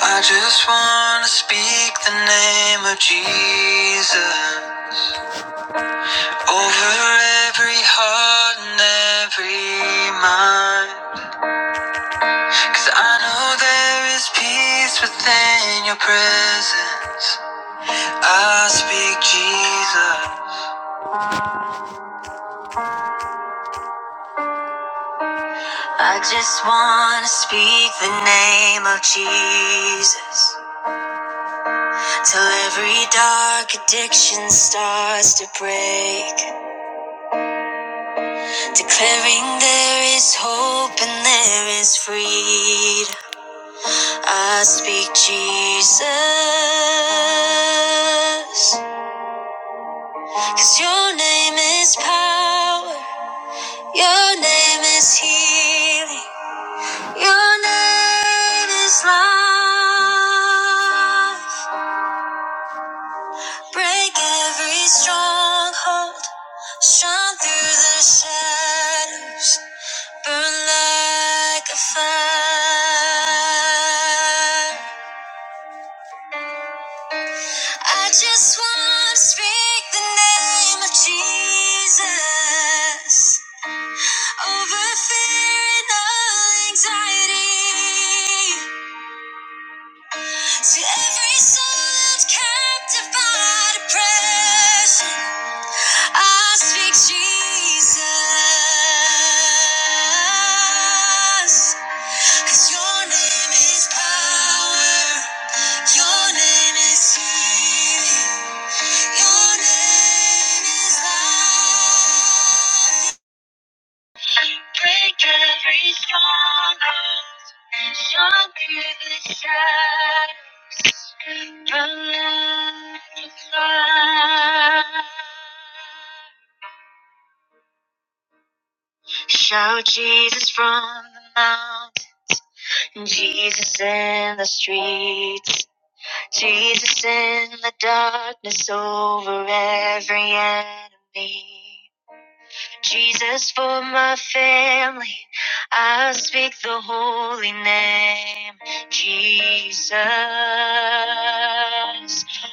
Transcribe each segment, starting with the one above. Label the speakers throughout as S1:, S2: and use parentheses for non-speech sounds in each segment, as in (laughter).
S1: I just want to speak the name of Jesus over every heart and every mind. 'Cause I know there is peace within your presence. I speak Jesus. I want to speak the name till every darkened star starts to break. Declaring there is hope and there is freedom. I speak Jesus, 'cause your name is power. Your name is healing. Your name is life. Break every stronghold. Shine through the shadows. Burn like a fire. I just want to speak the name of Jesus over fear and all anxiety to every soul that's captive by depression. I speak Jesus, 'cause Your name is power. Your name is healing. Your name is love. Break every stronghold and show me the shadows. The light the fire. Shout Jesus from the mountain, Jesus in the streets, Jesus in the darkness over every enemy. Jesus for my family, I speak the holy name, Jesus.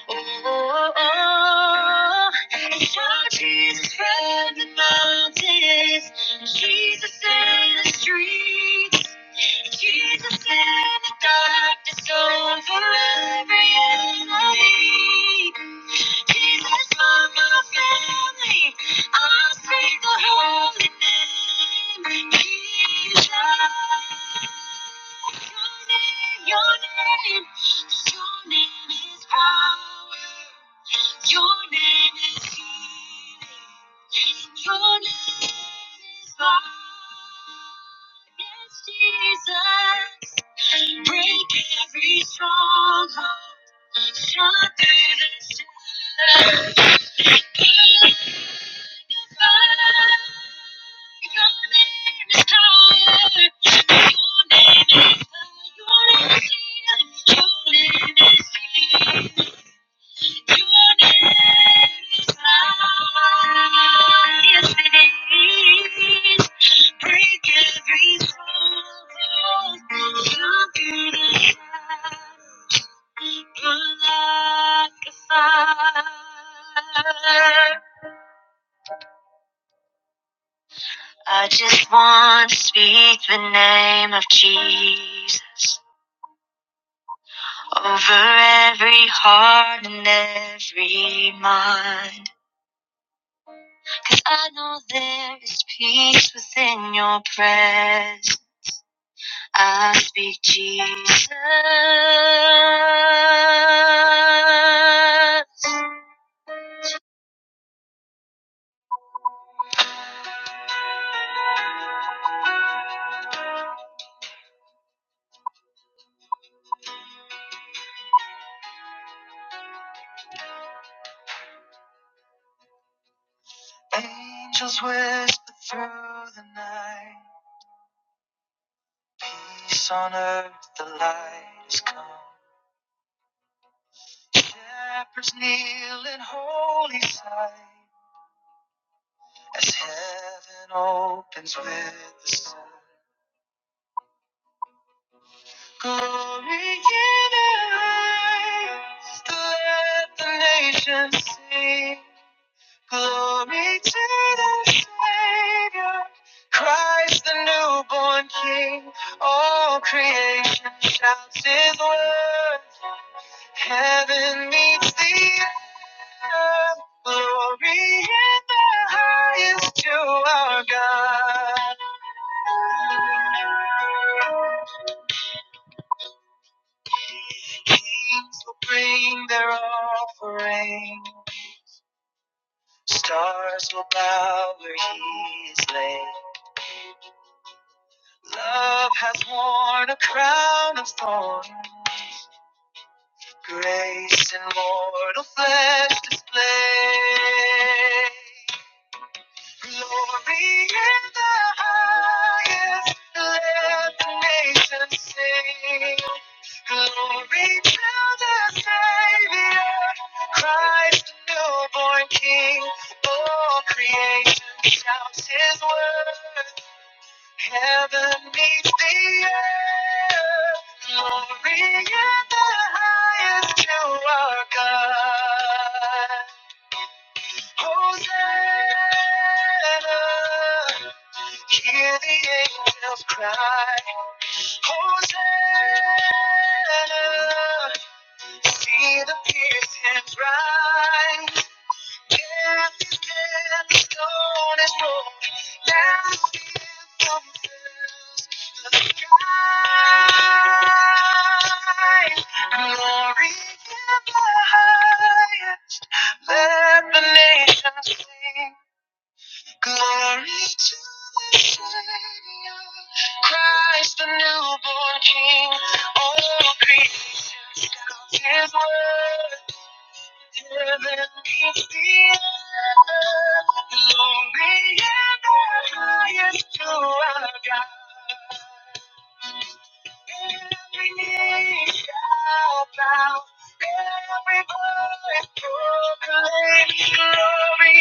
S1: Oh, oh, oh. I saw Jesus from the mountains, Jesus in the streets, Jesus in the darkness over every enemy. Jesus for my family. I speak the holy name. Jesus. Your name, your name, your name is power. Your name is healing. Your name is life. Yes, Jesus. Break every stronghold. Shut through the shadows. Your name is power. Your name is healing. Your name is healing. I just want to speak the name of Jesus over every heart and every mind. Cause I know there is peace within your presence. I speak Jesus. Angels whisper through the night. Peace on earth, the light has come. Shepherds kneel in holy sight. As heaven opens with the sun. Glory in the highest, let the nations sing. Glory to the Savior, Christ the newborn King. All creation shouts His word. Heaven meets the earth. Glory in the highest to our God. Kings will bring their offering. Stars will bow where he is laid. Love has worn a crown of thorns. Grace in mortal flesh displayed. Glory in the highest. Let the nations sing. Glory to the Savior, Christ, newborn King. All creation shouts His word. Heaven meets the earth. Glory in the highest to our God. Hosanna! Hear the angels cry. Hosanna! See the pierced hands rise. Death is dead, the stone is broken. Now the anthem fills the skies. Glory in the highest. Let the nations sing. Glory to the Savior. Christ the newborn King. All creation shouts His word. Glory and the highest to our God. Every knee shall bow, every voice proclaim glory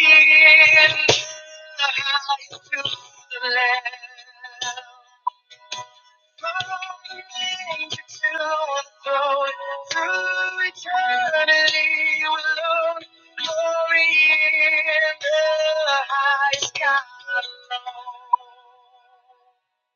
S1: in the highest to the Lamb. Thank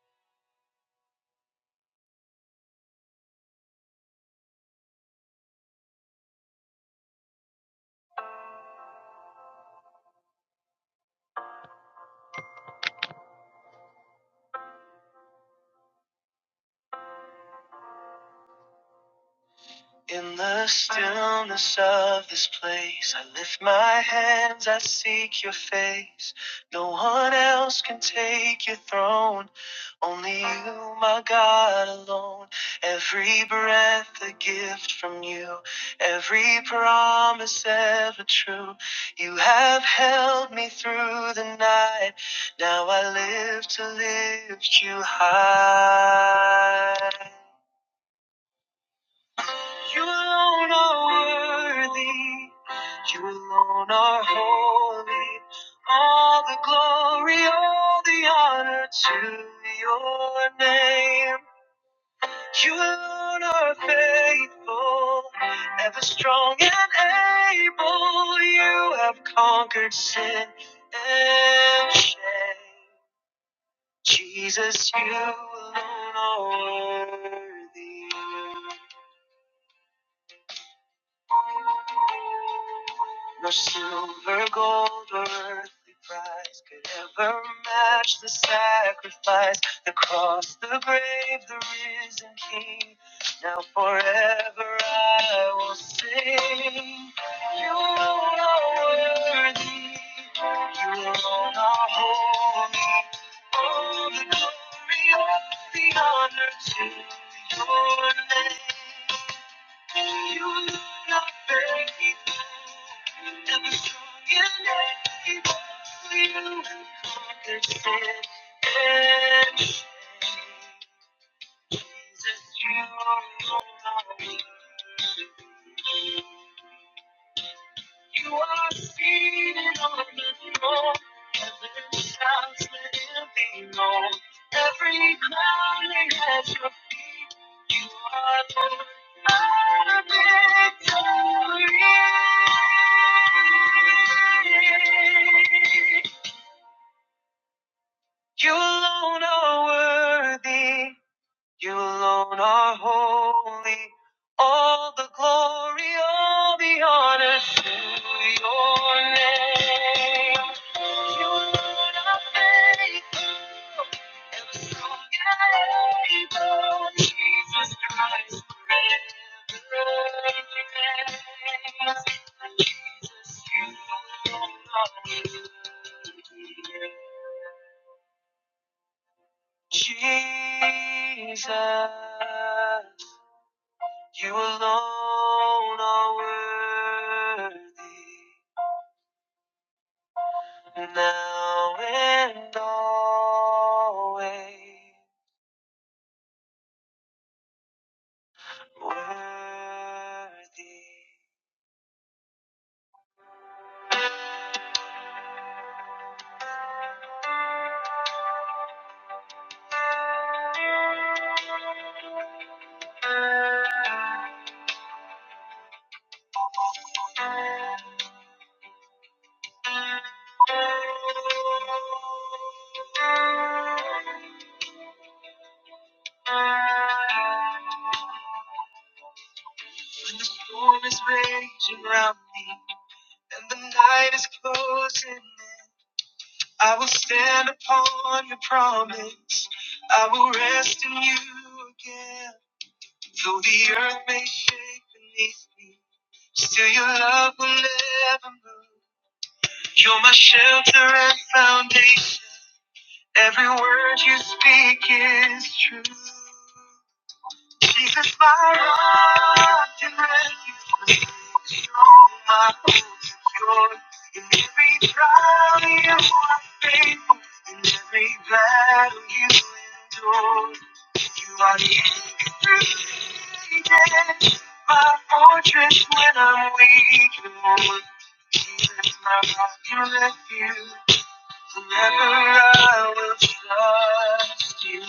S1: In the stillness of this place, I lift my hands, I seek your face. No one else can take your throne, only you, my God, alone. Every breath a gift from you, every promise ever true. You have held me through the night, now I live to lift you high. You alone are worthy. You alone are holy. All the glory, all the honor to your name. You alone are faithful, ever strong and able. You have conquered sin and shame. Jesus, you alone are worthy. No silver, gold, or earthly prize could ever match the sacrifice, the cross, the grave, the risen King. Now forever I will sing. You alone are worthy. You alone are holy. All the glory, all the honor to your name. Jesus, you are you are seated on the throne. Heaven shouts living on. Every crying at your feet. You are Lord. Our victory. You alone are worthy. You alone are holy. All the glory, all the honor to your name. You alone are faithful. Ever so faithful. Jesus Christ forever. reigns. Jesus, you alone are worthy. Jesus, you alone are worthy, now and always worthy. When the storm is raging round me and the night is closing in, I will stand upon your promise. I will rest in you again. Though the earth may shake beneath me, still your love will never move. You're my shelter and foundation. Every word you speak is true. Jesus, my rock and refuge, strong my hope secure. In every trial you are faithful, in every battle you endure. You are the anchor through the ages, my fortress when I'm weak, Lord. Jesus, my rock and refuge, forever I will trust you.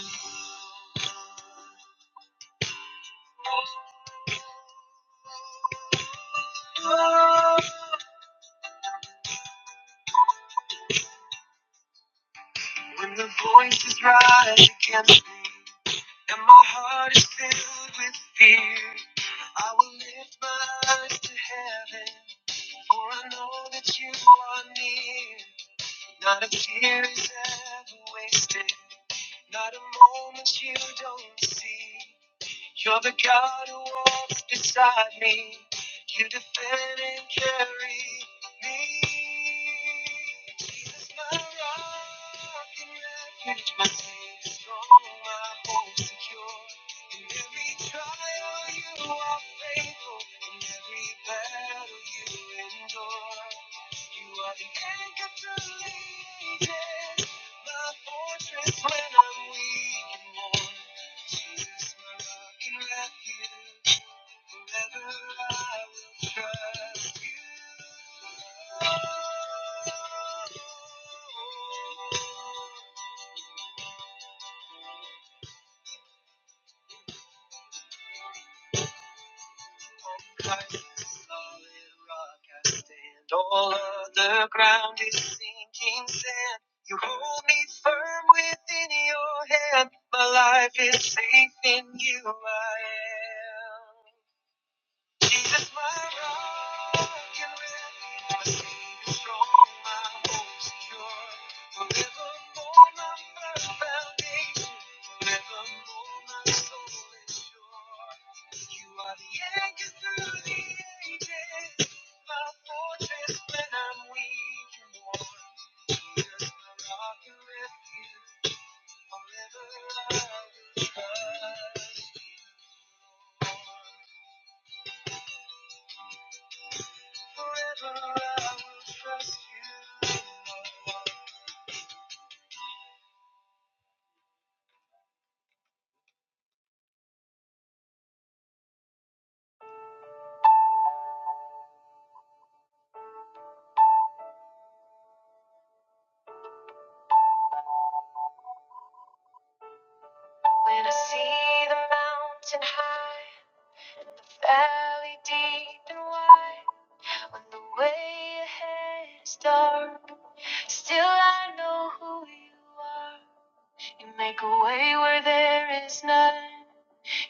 S1: Oh. When the voice is right against me, and my heart is filled with fear, I will lift my eyes to heaven, for I know that you are near. Not a tear is ever wasted, not a moment you don't see. You're the God who walks beside me. You defend and carry me. Jesus, my rock and refuge, my safe strong, my home secure. In every trial you are faithful. In every battle you endure. You are the anchor to the ages. My fortress when I'm weak and worn. Jesus, my rock and refuge. Forever I will trust you. On Christ's solid rock I stand. All other ground is sinking sand. You hold me firm within your hand. My life is safe in you. I am. Jesus, my rock and refuge, my Savior strong, my hope secure. Forevermore, my firm foundation. Forevermore, my soul is sure. You are the anchor through the ages, my fortress when I'm weak and worn. Jesus, my rock and refuge, forever I will trust. Forever I will trust you. When I see the mountain high, valley deep and wide, when the way ahead is dark, still I know who you are. You make a way where there is none.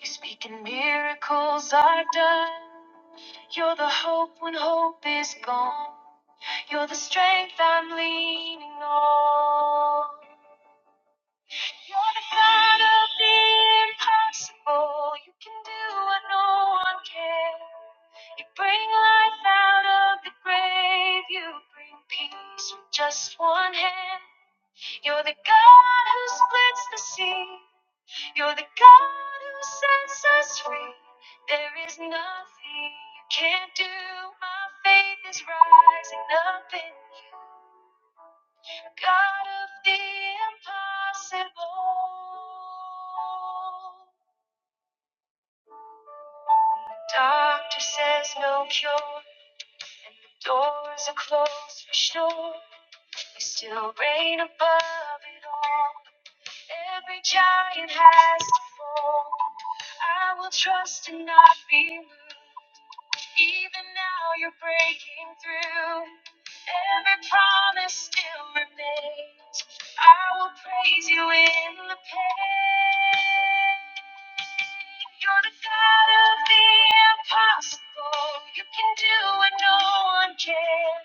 S1: You speak and miracles are done. You're the hope when hope is gone. You're the strength I'm leaning on. You're the God of the impossible. You can do what no one can. You bring life out of the grave. You bring peace with just one hand. You're the God who splits the sea. You're the God who sets us free. There is nothing you can't do. My faith is rising up in you. God of the impossible. Doctor says no cure, and the doors are closed for sure. You still reign above it all. Every giant has to fall. I will trust and not be moved. Even now you're breaking through. Every promise still remains. I will praise you in the pain. You're the God of the impossible. You can do what no one can.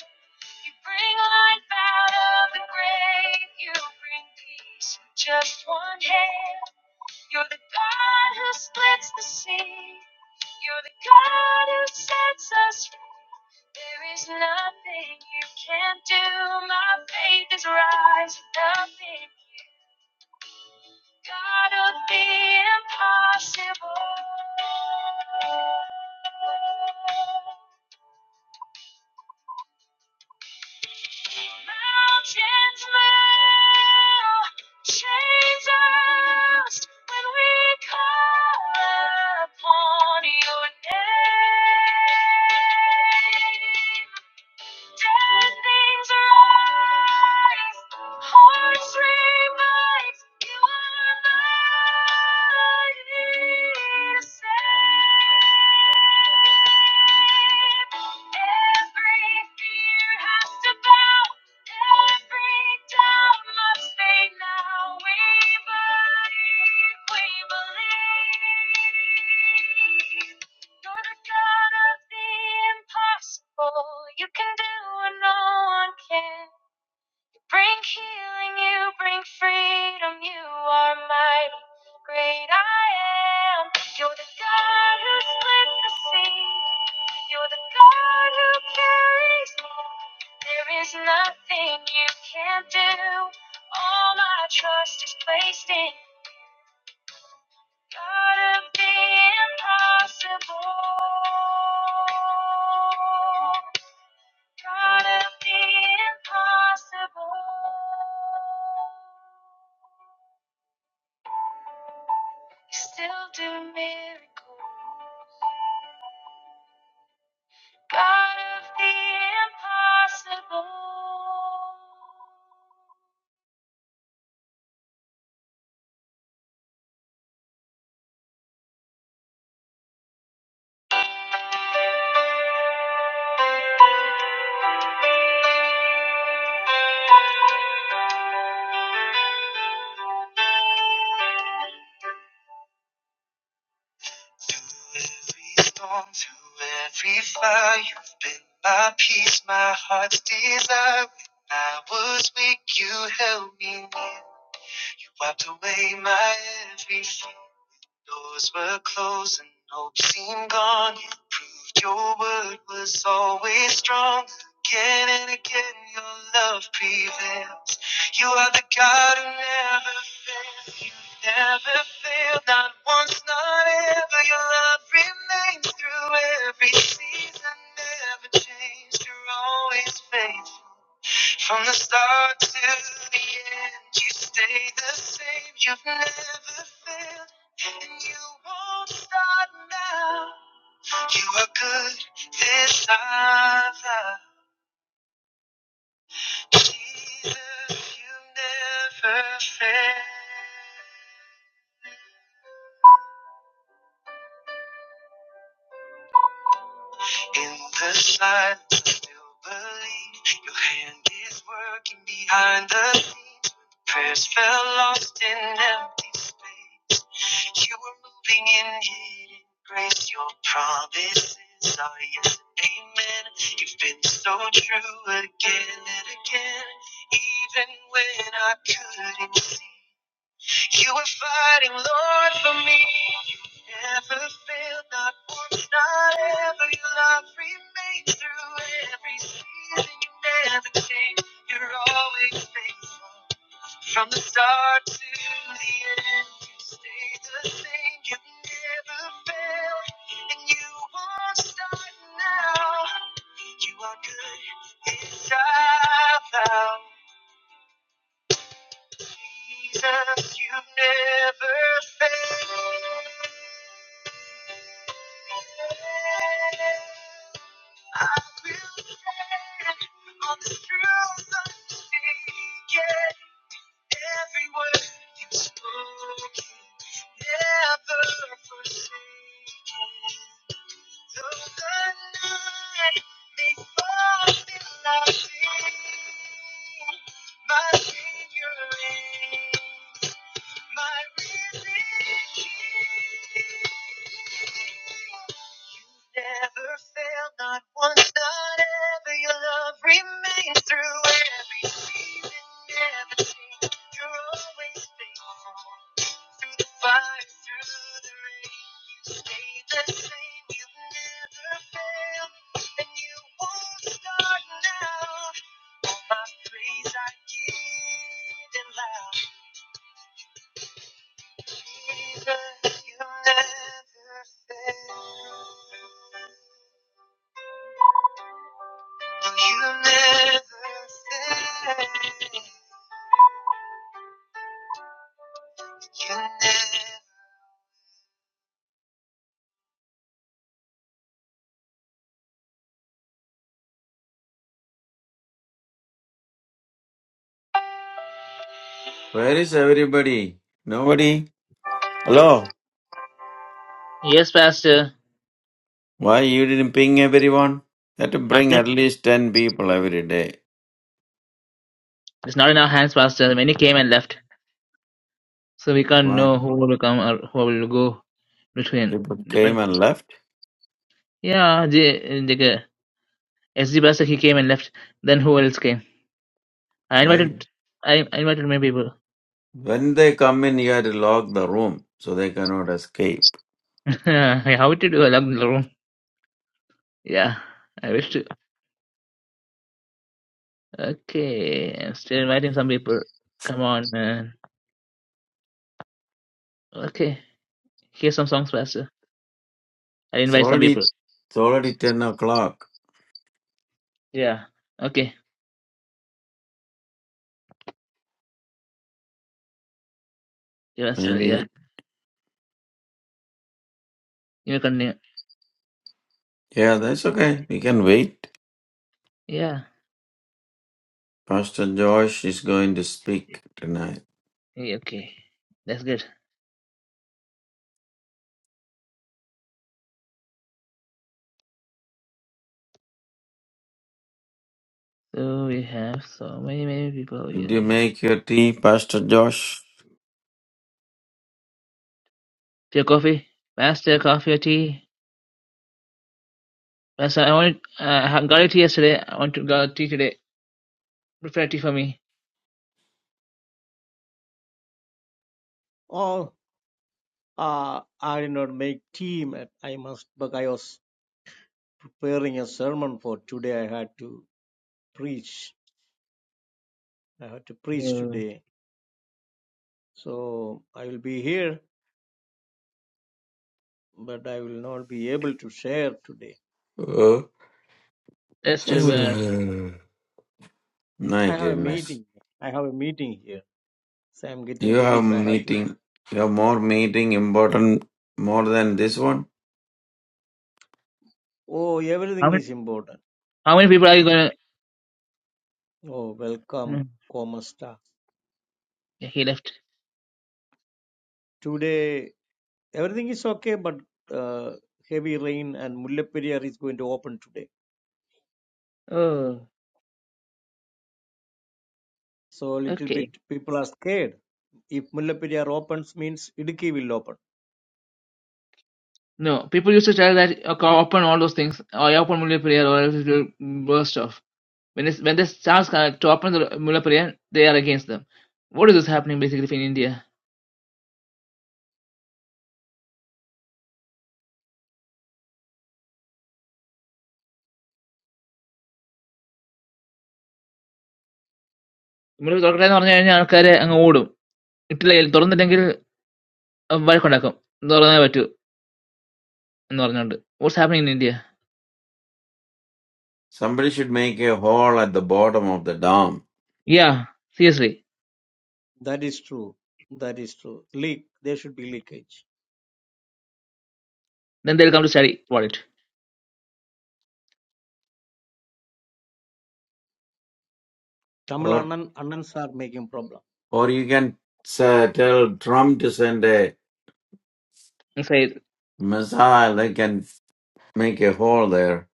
S1: You bring life out of the grave. You bring peace. with Just one hand. You're the God who splits the sea. You're the God who sets us free. There is nothing you can't do. My faith is rising. up in you. God of the impossible. Mountains melt, chains lost when we call upon your name. Dead things rise, hearts revive. You are mighty to save. Every fear has to bow, every doubt must fade now. We believe, we believe. You're the God of the impossible. You can do what no one can. You bring healing, you bring freedom. You are mighty, great I am. You're the God who split the sea. You're the God who carries me. There is nothing you can't do. All my trust is placed in God of the impossible. God of the impossible. You still do miracles. God of the impossible. Through every storm, through every fire, you've been my peace, my heart's desire. When I was weak, you held me near. You wiped away my every fear. Doors were closed and hope seemed gone. You proved your word was always strong. Again and again, your love prevails. You are the God who never fails. You never fail, not once, not ever. Your love remains through every season, never changed. You're always faithful. From the start to the end, you stay the same. You've never failed, and you won't start now. You are good this hour. Jesus, you never fail. In the silence, I still believe your hand is working behind the scenes. Prayers fell lost in empty space. that You were moving in hidden grace. Your promises are yes and amen. You've been so true again and again, even when I couldn't see. You were fighting, Lord, for me. You never failed, not once, not ever. Your love remained through every season. You never change. You're always faithful. From the start to the end, you stayed the same. You never failed, and you won't start now. You are good inside out. Jesus, you never fail. I will stand on the truth unshaken. Every word you've spoken, never forsaken. Through every season, never change. You're always faithful. No,
S2: Where is everybody? Nobody? Hello?
S1: Yes, Pastor.
S2: Why you didn't ping everyone? You had to
S1: Our
S2: bring
S1: friend
S2: at least 10 people every day.
S1: is not in our hands, Pastor. Many came and left. So we can't
S2: Why?
S1: know who will come or who will go between.
S2: People
S1: Depend.
S2: came and left?
S1: Yeah, the the S. G. Basak he came and left. Then who else came? I
S2: Why?
S1: invited I, I invited many people.
S2: When they come in, you had to lock the room so they cannot escape.
S1: (laughs) How to do a locked room? Yeah, I wish to. Okay, I'm still inviting some people. Come on, man. Okay, here's some songs, Pastor. I
S2: It's
S1: invite some
S2: already,
S1: people.
S2: it's already 10 o'clock.
S1: Yeah. Okay, Yeah, Pastor. Yeah,
S2: Maybe.
S1: you may continue.
S2: Yeah, that's okay. We can wait.
S1: Yeah.
S2: Pastor Josh is going to speak tonight.
S1: Yeah, Okay, that's good. So we have so many many people
S2: Did you
S1: here.
S2: make your tea, Pastor Josh?
S1: For Your coffee? Where's the coffee or tea? Where's I wanted, uh, I got it yesterday. I want to got a tea today. Prepare tea for me.
S3: Oh, uh, I did not make team. man. I must, but I was preparing a sermon for today. I had to preach. I had to preach
S1: Uh,
S3: today. So I will be here, but I will not be able to share today.
S2: Uh,
S1: that's
S2: (sighs)
S1: too bad.
S2: my
S3: I have a
S2: goodness.
S3: meeting. I have a meeting here. So I'm
S2: You
S3: getting ready.
S2: have
S3: but I have to.
S2: meeting, you have more meeting important more than this one.
S3: Oh,
S1: How
S3: everything
S1: many,
S3: is important.
S1: how many people are you gonna?
S3: Oh, welcome,
S1: Mm,
S3: Comasta.
S1: yeah, he left.
S3: Today, everything is okay, but uh, heavy rain and Mullaperiyar is going to open today.
S1: Oh,
S3: So little
S1: okay.
S3: bit people are scared. If Mullaperiyar opens means Idiki will open.
S1: No, people used to tell that okay, open all those things, or you open Mulla prayer, or else it will burst off. When this when this they start to open the Mulla prayer, they are against them. What is this happening basically in India? മുറി തുറക്കട്ടെ എന്ന് പറഞ്ഞു കഴിഞ്ഞാൽ ആൾക്കാരെ അങ്ങ് ഓടും ഇട്ടില്ല തുറന്നില്ലെങ്കിൽ വഴക്കുണ്ടാക്കും തുറന്നേ പറ്റൂ Normal. What's happening in India?
S2: Somebody should make a hole at the bottom of the dam,
S1: Yeah, seriously.
S3: That is true. That is true. Leak. There should be leakage.
S1: Then they will come to study about it.
S3: Tamil
S2: or
S3: Annan, Annans are making problem. (laughs)
S2: or you can say, tell Trump to send a
S1: I said,
S2: missile. They can make a hole there,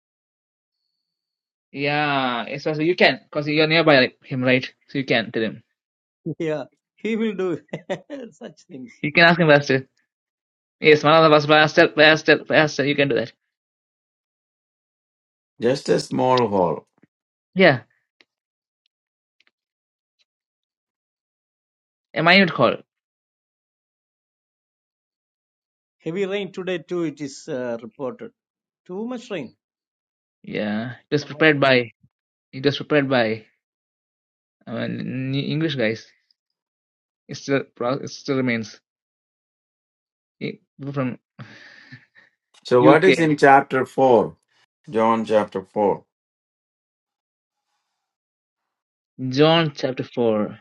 S1: yeah. So you can, because you are nearby him, right? So you can tell him.
S3: Yeah, he will do (laughs) such things.
S1: You can ask him first. Yes, one of the first, first, first. You can do that.
S2: just a small hole.
S1: Yeah, a minute call.
S3: Heavy rain today too. It is uh, reported. Too much rain.
S1: Yeah, just
S3: Almost,
S1: prepared
S3: uh,
S1: by. It was prepared by new English guys. It still, pro- it still remains E- People from
S2: So what is
S1: UK.
S2: in chapter four, John chapter four?
S1: John chapter four.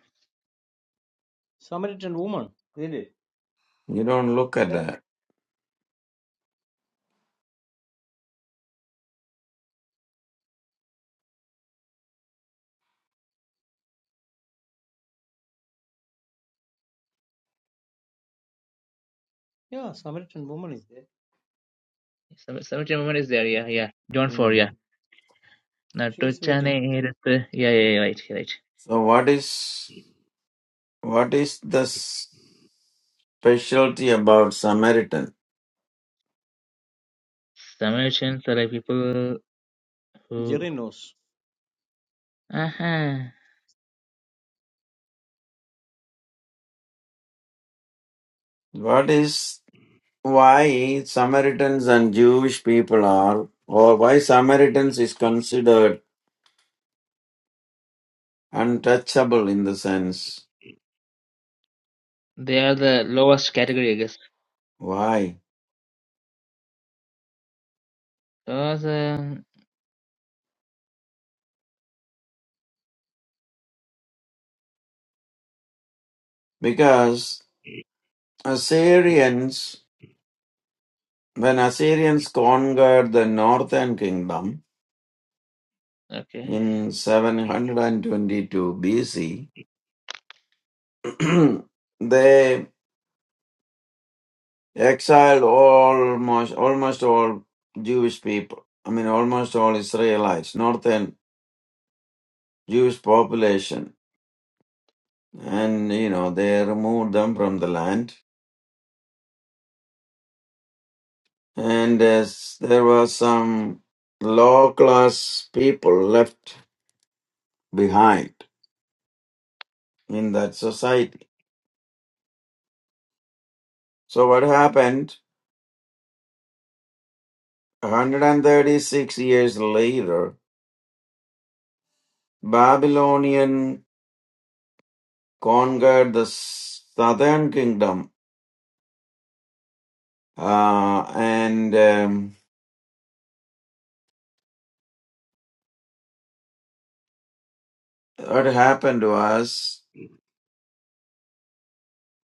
S3: Samaritan woman. Really?
S2: You don't look
S3: Is
S2: at
S3: that?
S2: that.
S3: Yeah, Samaritan woman is there.
S1: Some some moment is there. Yeah, yeah. John four. Yeah.
S2: Mm.
S3: She is
S1: നട്ടുച്ചനെ
S3: waiting.
S1: ഏരത്ത് yeah yeah yeah, right right
S2: So what is what is the s- specialty about Samaritan?
S1: Samaritans are like people who
S3: Jerry knows.
S1: aha
S2: What is why Samaritans and Jewish people are, or why Samaritans is considered untouchable in the sense.
S1: they are the lowest category I guess
S2: Why?
S1: those um,
S2: Because Assyrians, when Assyrians conquered the northern kingdom
S1: okay
S2: in 722 BC, (clears throat) they exiled almost almost all Jewish people. I mean, almost all Israelites, northern Jewish population and you know they removed them from the land and as there were some low class people left behind in that society so what happened 136 years later babylonian conquered the southern kingdom uh, and um, what happened was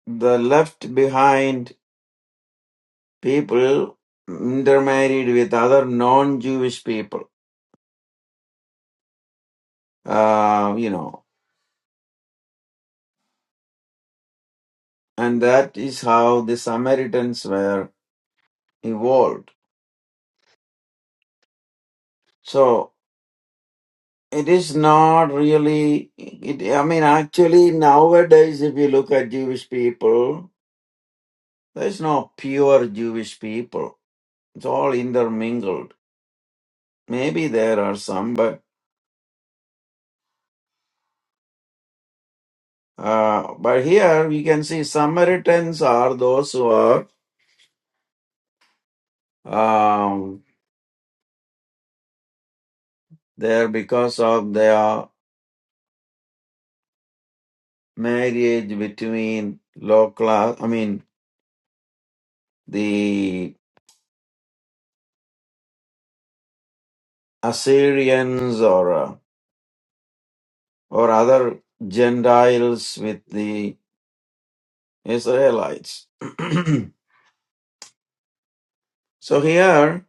S2: the left behind people intermarried with other non-jewish people uh, you know, and that is how the Samaritans were involved. So it is not really, it, I mean, actually, nowadays, if you look at Jewish people, there's no pure Jewish people, it's all intermingled. Maybe there are some, but uh, but here we can see Samaritans are those who are um, there because of their marriage between low class, I mean, the Assyrians or uh, or other Gentiles with the Israelites. (clears throat) so here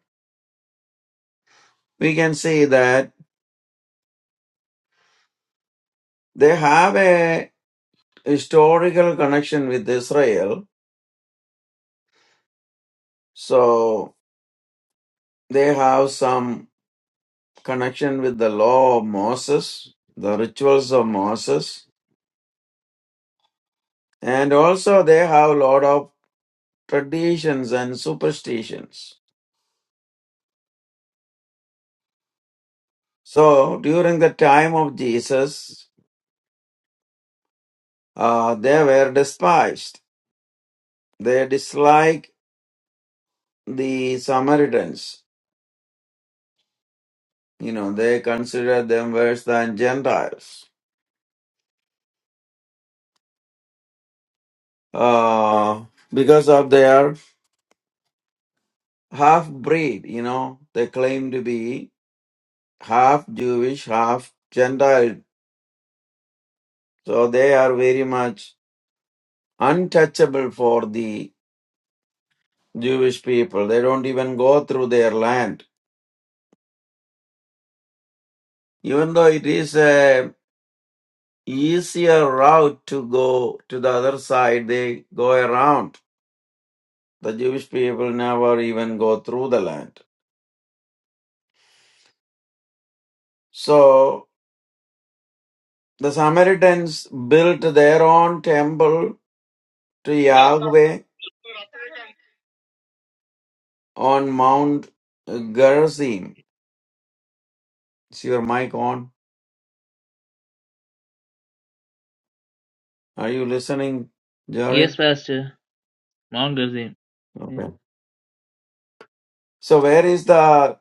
S2: we can see that they have a historical connection with Israel. So they have some connection with the law of Moses, the rituals of Moses, and also they have a lot of traditions and superstitions. So during the time of Jesus, uh, they were despised. They disliked the Samaritans. You know, they considered them worse than Gentiles uh, because of their half breed. You know, they claim to be half Jewish, half Gentile. So they are very much untouchable for the Jewish people. They don't even go through their land, even though it is a easier route to go to the other side. They go around. The Jewish people never even go through the land. So the Samaritans built their own temple to Yahweh on Mount Gerizim. Is your mic on? Are you listening,
S1: yes
S2: Jorin?
S1: pastor Mount Gerizim
S2: Okay. So where is the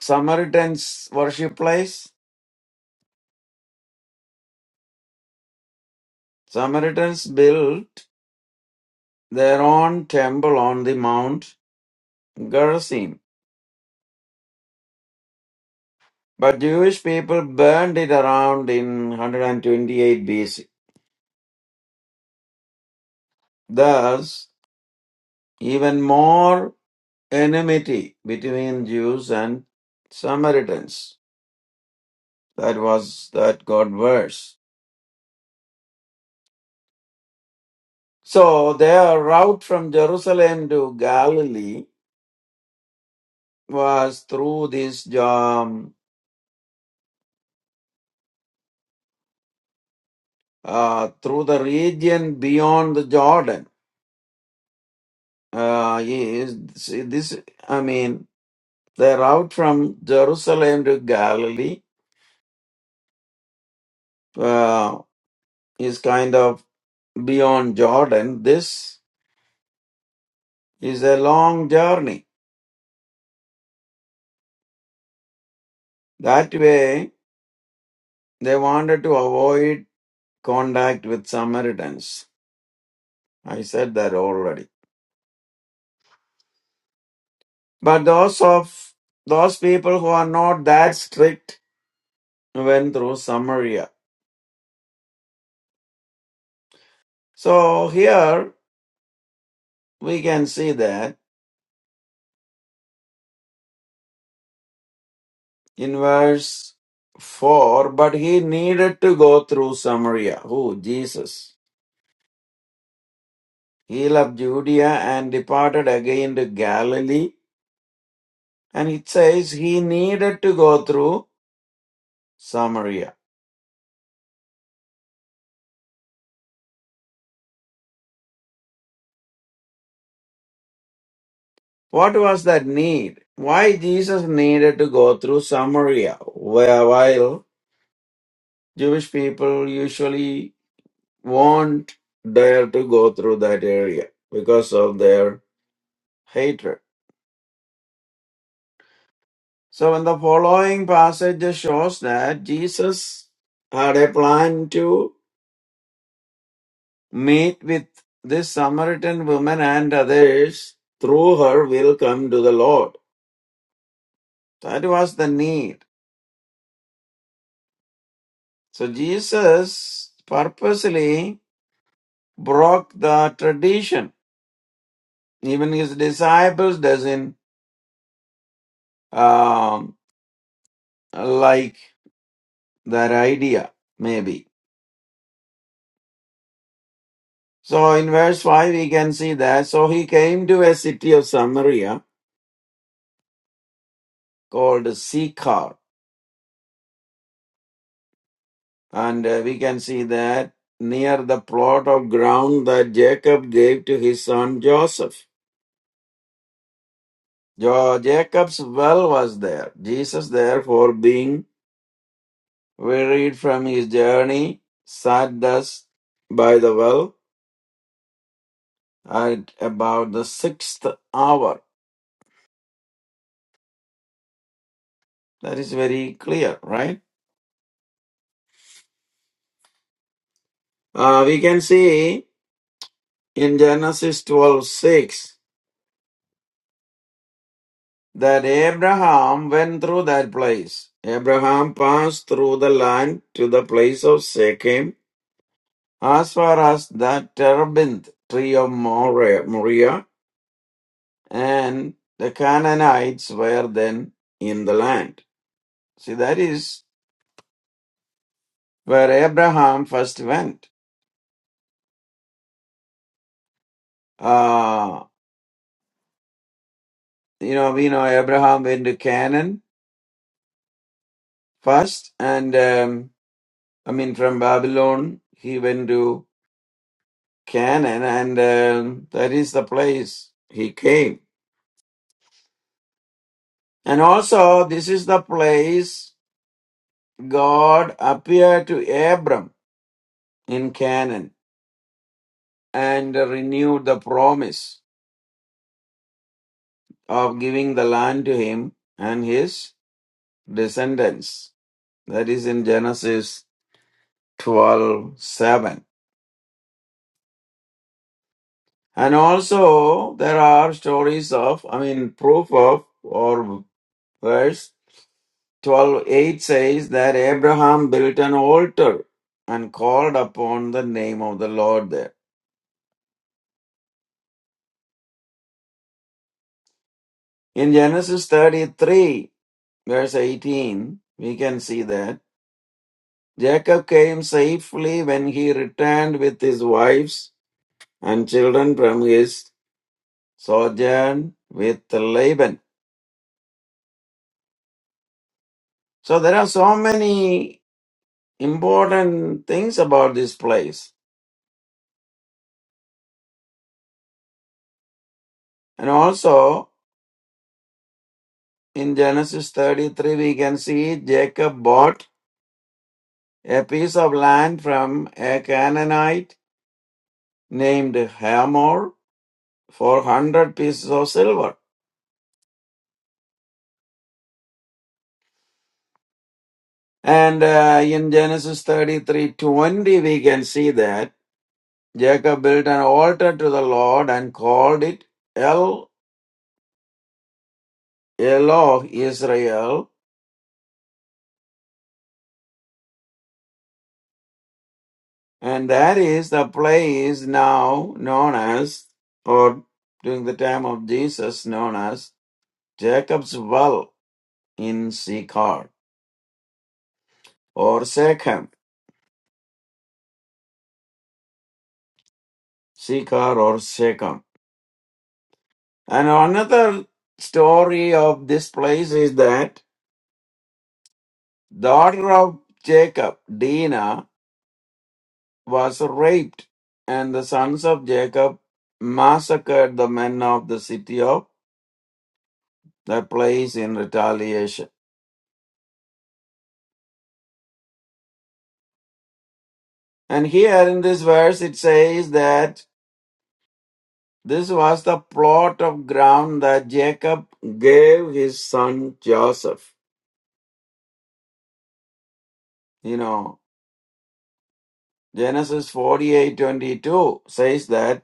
S2: Samaritans worship place? Samaritans built their own temple on the Mount Gerizim. But Jewish people burned it around in 128 BC. Thus, even more enmity between Jews and Samaritans. That was that got worse. So their route from Jerusalem to Galilee was through this um, uh, through the region beyond the Jordan. Uh, is see, this I mean the route from Jerusalem to Galilee uh, is kind of beyond Jordan. This is a long journey. That way, they wanted to avoid contact with Samaritans. I said that already. But those of those people who are not that strict went through Samaria. So here we can see that in verse 4, but he needed to go through Samaria. Who? Jesus. He left Judea and departed again to Galilee And it says he needed to go through Samaria. What was that need? Why Jesus needed to go through Samaria? Where- While Jewish people usually won't dare to go through that area because of their hatred. So in the following passage it shows that Jesus had a plan to meet with this Samaritan woman and others through her will come to the Lord. That was the need. So Jesus purposely broke the tradition. Even his disciples doesn't um, like that idea, maybe. So in verse 5 we can see that. So he came to a city of Samaria called Sychar. And uh, we can see that near the plot of ground that Jacob gave to his son Joseph. Jo- Jacob's well was there. Jesus therefore being We read from his journey, sat thus by the well at about the sixth hour. That is very clear, right? Uh, we can see in Genesis twelve six that Abraham went through that place. Abraham passed through the land to the place of Shechem as far as the terebinth tree of Moreh- Moriah, and the Canaanites were then in the land. See, that is where Abraham first went. Uh, you know, we know Abraham went to Canaan first, and um, I mean, from Babylon, he went to Canaan, and um, that is the place he came. And also, this is the place God appeared to Abram in Canaan and renewed the promise of giving the land to him and his descendants. That is in Genesis 12 7, and also there are stories of i mean proof of or verse 12 8 says that abraham built an altar and called upon the name of the lord there in genesis 33 verse 18 we can see that jacob came safely when he returned with his wives and children from his sojourn with laban so there are so many important things about this place. And also in Genesis 33, we can see Jacob bought a piece of land from a Canaanite named Hamor for 100 pieces of silver. And uh, in Genesis 33:20 we can see that Jacob built an altar to the Lord and called it El Eloh Israel And that is the place now known as, or during the time of Jesus, known as Jacob's Well in Sychar or Shechem, Sychar or Shechem. And another story of this place is that daughter of Jacob, Dinah, was raped, and the sons of Jacob massacred the men of the city of that place in retaliation. And here in this verse it says that this was the plot of ground that Jacob gave his son Joseph. You know, Genesis forty-eight twenty-two says that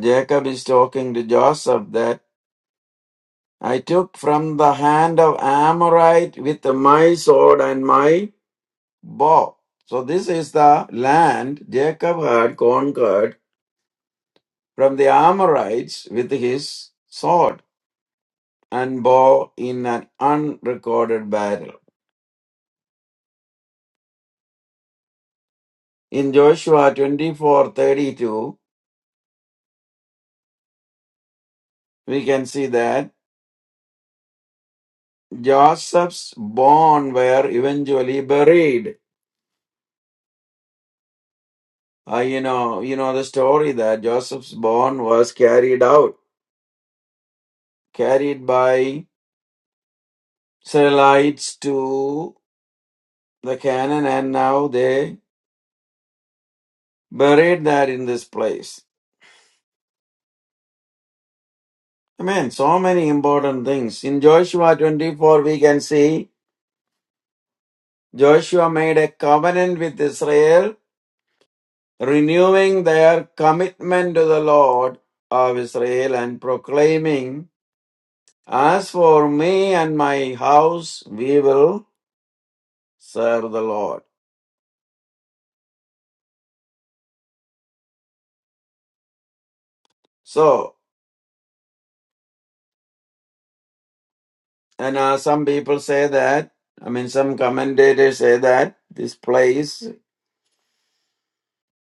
S2: Jacob is talking to Joseph that I took from the hand of Amorite with my sword and my bow. So this is the land Jacob had conquered from the Amorites with his sword. and bow in an unrecorded battle. In Joshua 24:32, we can see that Joseph's bones were eventually buried. Uh, you know, you know the story that Joseph's born was carried out, carried by Israelites to the Canaan, and now they buried that in this place. I mean, so many important things. In Joshua 24, we can see Joshua made a covenant with Israel, renewing their commitment to the Lord of Israel and proclaiming, As for me and my house, we will serve the Lord. So, and uh, some people say that, I mean, some commentators say that this place,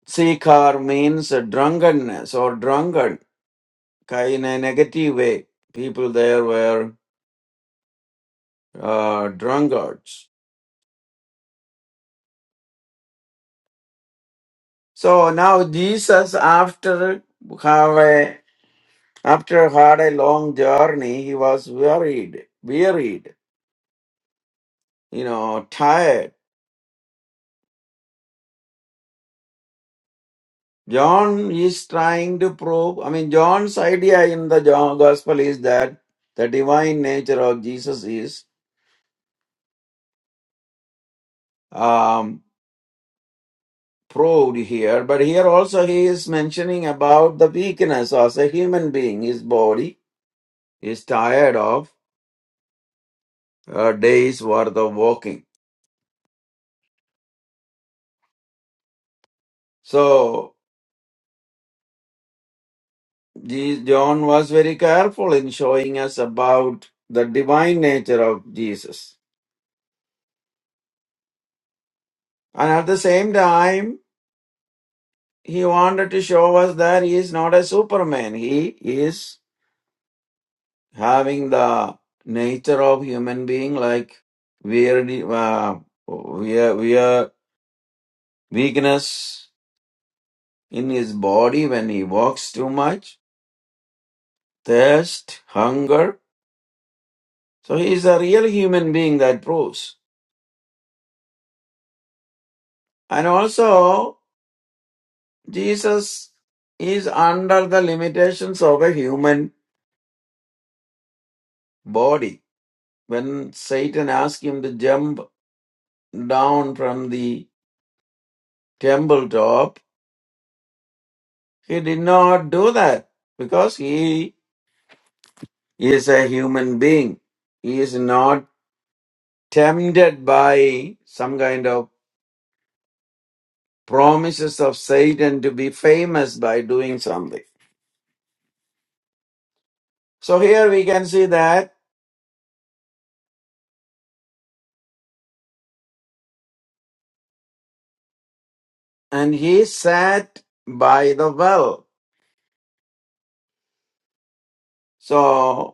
S2: Sikar means drunkenness or drunkard, kind of negative way. People there were uh, drunkards. So now Jesus, after have a, after had a long journey, he was worried, wearied, you know, tired. John is trying to prove. I mean, John's idea in the John Gospel is that the divine nature of Jesus is um, proved here, but here also he is mentioning about the weakness as a human being. His body is tired of a day's worth of walking. So Je- John was very careful in showing us about the divine nature of Jesus. And at the same time, he wanted to show us that he is not a superman. He is having the nature of human being like we uh, we are, we are weakness in his body when he walks too much, thirst, hunger. So he is a real human being that proves. And also Jesus is under the limitations of a human body. When Satan asked him to jump down from the temple top, he did not do that because he is a human being. He is not tempted by some kind of promises of Satan to be famous by doing something. So here we can see that, and he sat by the well. So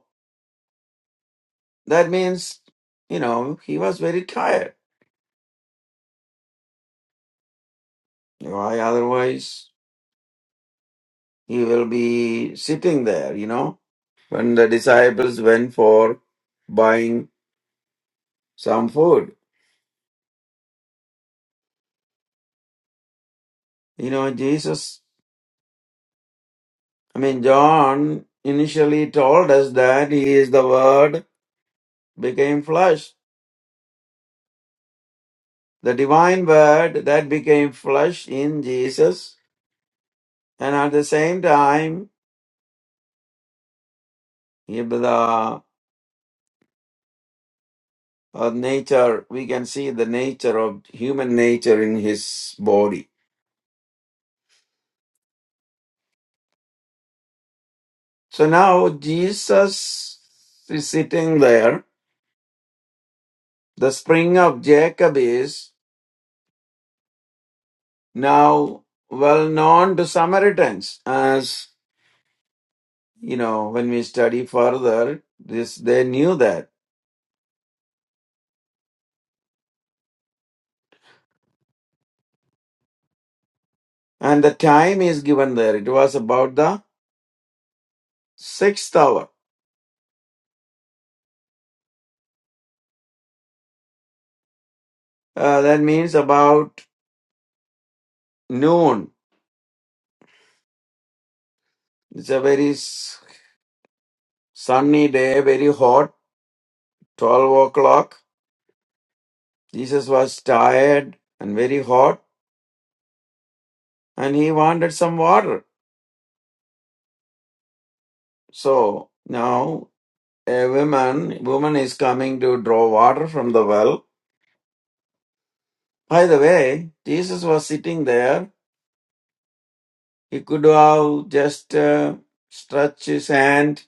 S2: That means, you know, he was very tired. Why otherwise he will be sitting there, you know? When the disciples went for buying some food, you know, Jesus, I mean, John initially told us that he is the Word became flesh, the divine Word that became flesh in Jesus. And at the same time, uh, nature, we can see the nature of human nature in his body. So now Jesus is sitting there. The spring of Jacob is now well known to Samaritans, as you know, when we study further, this they knew that. And the time is given there. It was about the sixth hour. Uh, that means about noon. It's a very sunny day, very hot, 12 o'clock Jesus was tired and very hot and he wanted some water. So now a woman woman is coming to draw water from the well. By the way, Jesus was sitting there. He could have just uh, stretched his hand,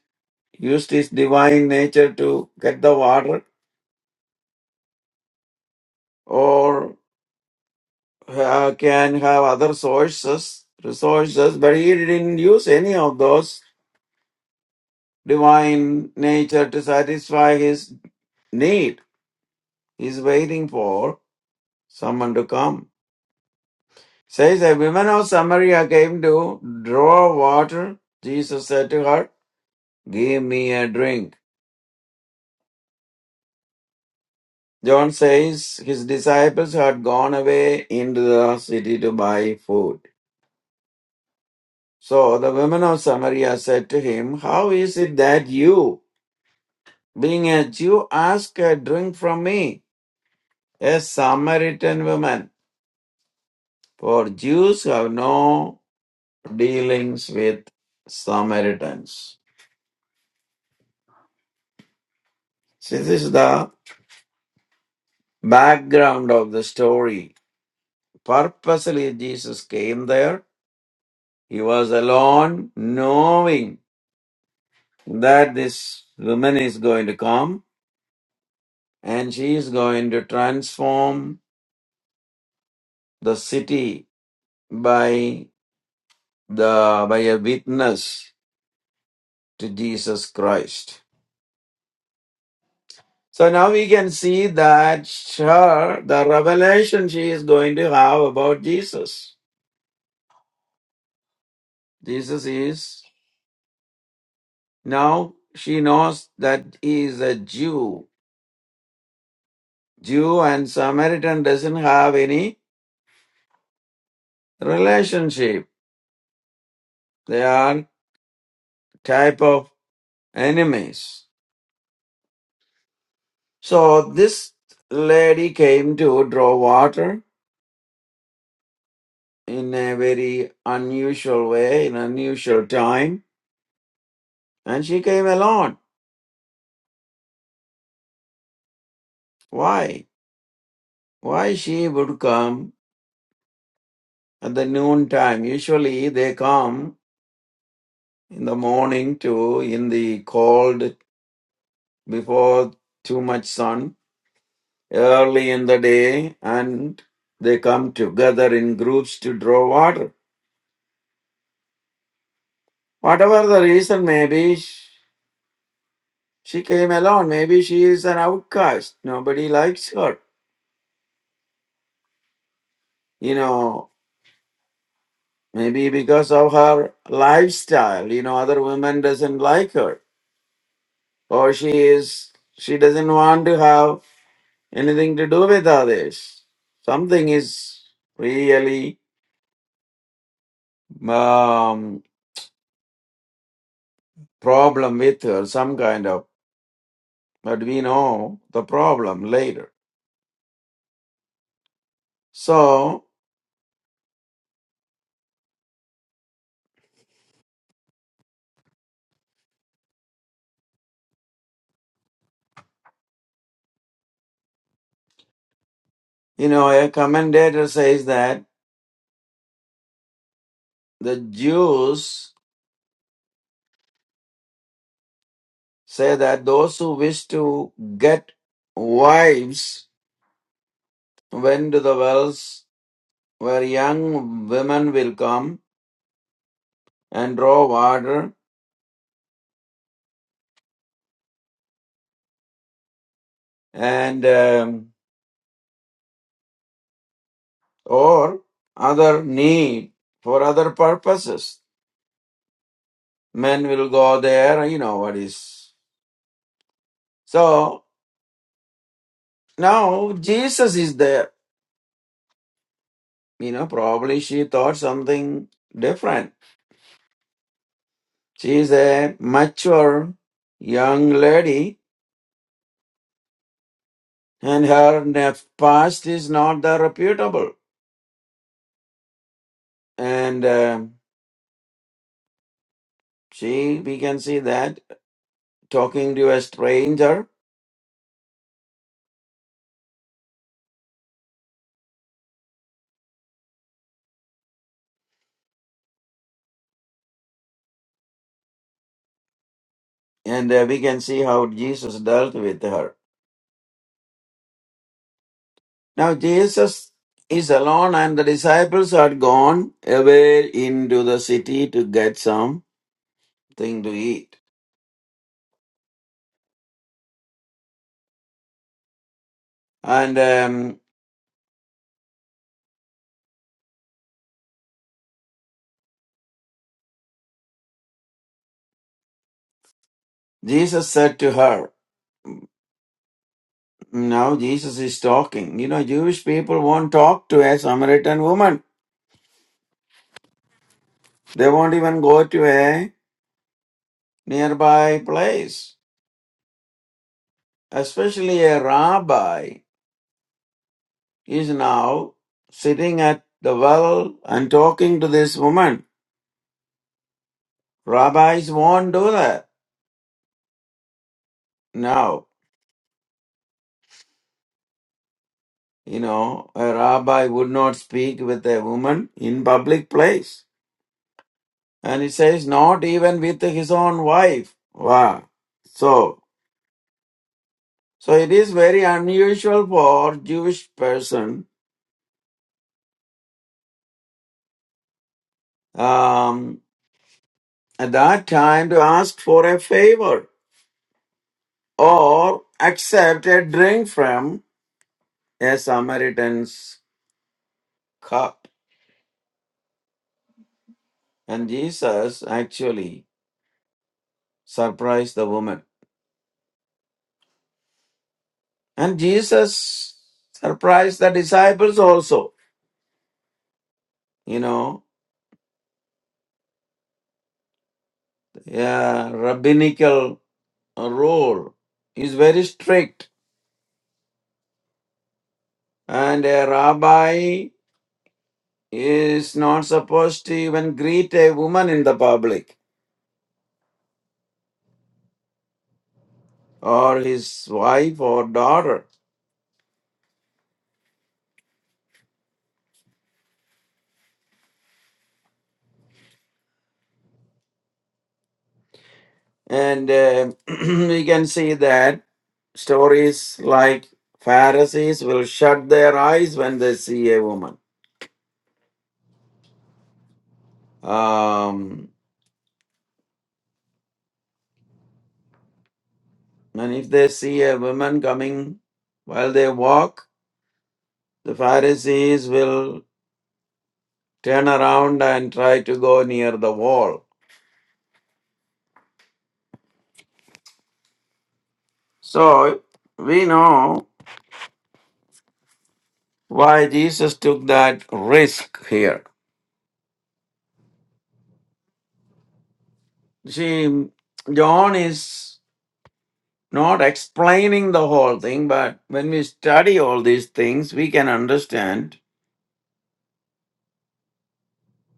S2: used his divine nature to get the water, or uh, can have other sources, resources, but he didn't use any of those divine nature to satisfy his need. He Is waiting for someone to come. Says a woman of Samaria came to draw water. Jesus said to her, Give me a drink. John says his disciples had gone away into the city to buy food. So the woman of Samaria said to him, How is it that you, being a Jew, ask a drink from me, a Samaritan woman? For Jews have no dealings with Samaritans. See, this is the background of the story. Purposely, Jesus came there. He was alone, knowing that this woman is going to come and she is going to transform the city by the by a witness to Jesus Christ. So now we can see that her the revelation she is going to have about Jesus. Jesus is Now she knows that he is a Jew. Jew and Samaritan doesn't have any relationship. They are type of enemies. So this lady came to draw water in a very unusual way, in unusual time, and she came alone. Why? Why she would come at the noon time? Usually they come in the morning to in the cold before too much sun early in the day and they come together in groups to draw water. Whatever the reason may be, sh- she came alone. Maybe she is an outcast. Nobody likes her. You know, maybe because of her lifestyle, you know, other women doesn't like her. Or she is she doesn't want to have anything to do with others. Something is really um, problem with her, some kind of, but we know the problem later. So, you know, a commentator says that the Jews say that those who wish to get wives went to the wells where young women will come and draw water and um, or other need for other purposes. Men will go there, you know what is. So Now Jesus is there. You know, probably she thought something different. She is a mature young lady, and her ne- past is not that reputable. And uh, she, we can see that talking to a stranger, and uh, we can see how Jesus dealt with her. Now Jesus is alone, and the disciples are gone away into the city to get something to eat. And um, Jesus said to her, now Jesus is talking. You know, Jewish people won't talk to a Samaritan woman. They won't even go to a nearby place. Especially a rabbi is now sitting at the well and talking to this woman. Rabbis won't do that. Now, you know, a rabbi would not speak with a woman in public place. And it says not even with his own wife. Wow. So So it is very unusual for Jewish person um, at that time to ask for a favor or accept a drink from a Samaritan's cup. And Jesus actually surprised the woman. And Jesus surprised the disciples also. You know, a rabbinical rule is very strict. And a rabbi is not supposed to even greet a woman in the public or his wife or daughter. And uh, (clears throat) we can see that stories like Pharisees will shut their eyes when they see a woman. Um, and if they see a woman coming while they walk, the Pharisees will turn around and try to go near the wall. So we know why Jesus took that risk here see, John is not explaining the whole thing, but when we study all these things, we can understand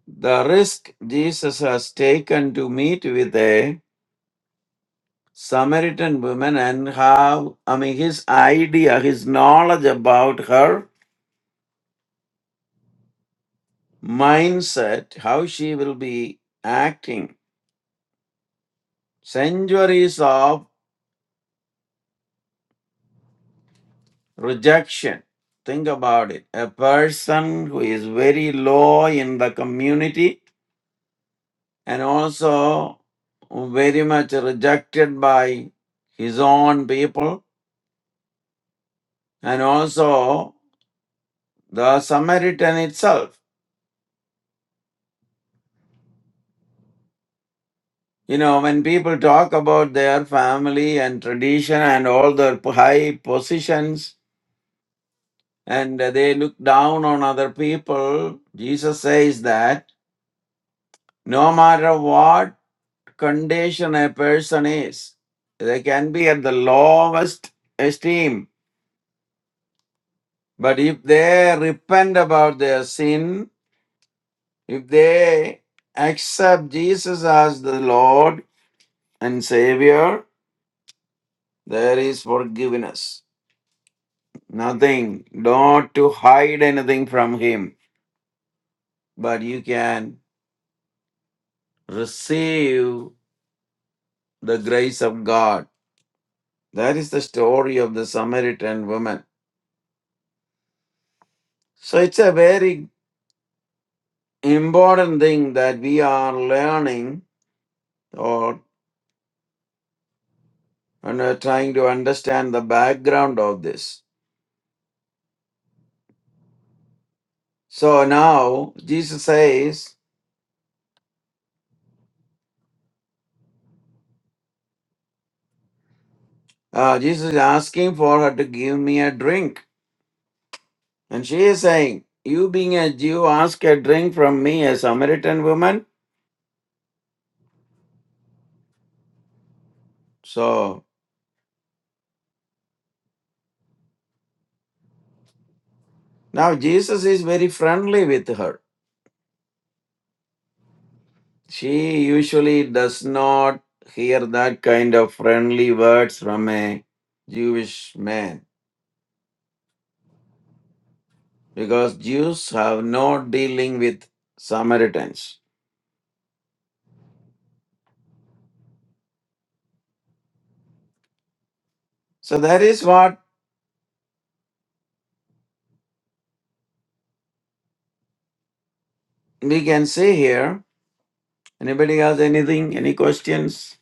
S2: the risk Jesus has taken to meet with a Samaritan woman and how, I mean, his idea, his knowledge about her mindset, how she will be acting. Centuries of rejection. Think about it. A person who is very low in the community and also very much rejected by his own people and also the Samaritan itself. You know, when people talk about their family and tradition and all their p- high positions and they look down on other people, Jesus says that no matter what condition a person is, they can be at the lowest esteem but if they repent about their sin If they accept Jesus as the Lord and Savior, there is forgiveness. Nothing, not to hide anything from Him, but you can receive the grace of God. That is the story of the Samaritan woman. So it's a very important thing that we are learning or and are trying to understand the background of this. So now Jesus says, Uh, Jesus is asking for her to give me a drink. And she is saying, You being a Jew, ask a drink from me, a Samaritan woman. So now Jesus is very friendly with her. She usually does not hear that kind of friendly words from a Jewish man because Jews have no dealing with Samaritans. So that is what we can see here. Anybody has anything, any questions?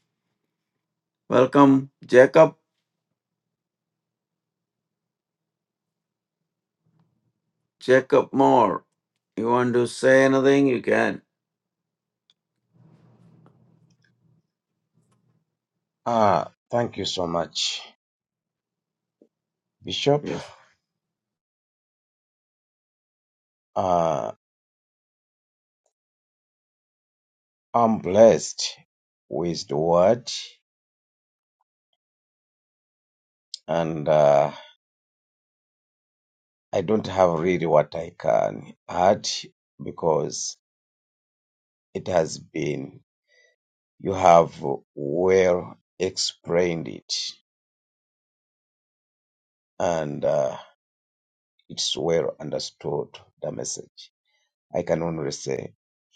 S2: Welcome, Jacob. Jacob more. you want to say anything? You can.
S4: Ah, thank you so much, Bishop.
S2: Yes.
S4: Uh, I'm blessed with the word, and uh, I don't have really what I can add because it has been, you have well explained it, and uh, it's well understood the message. I can only say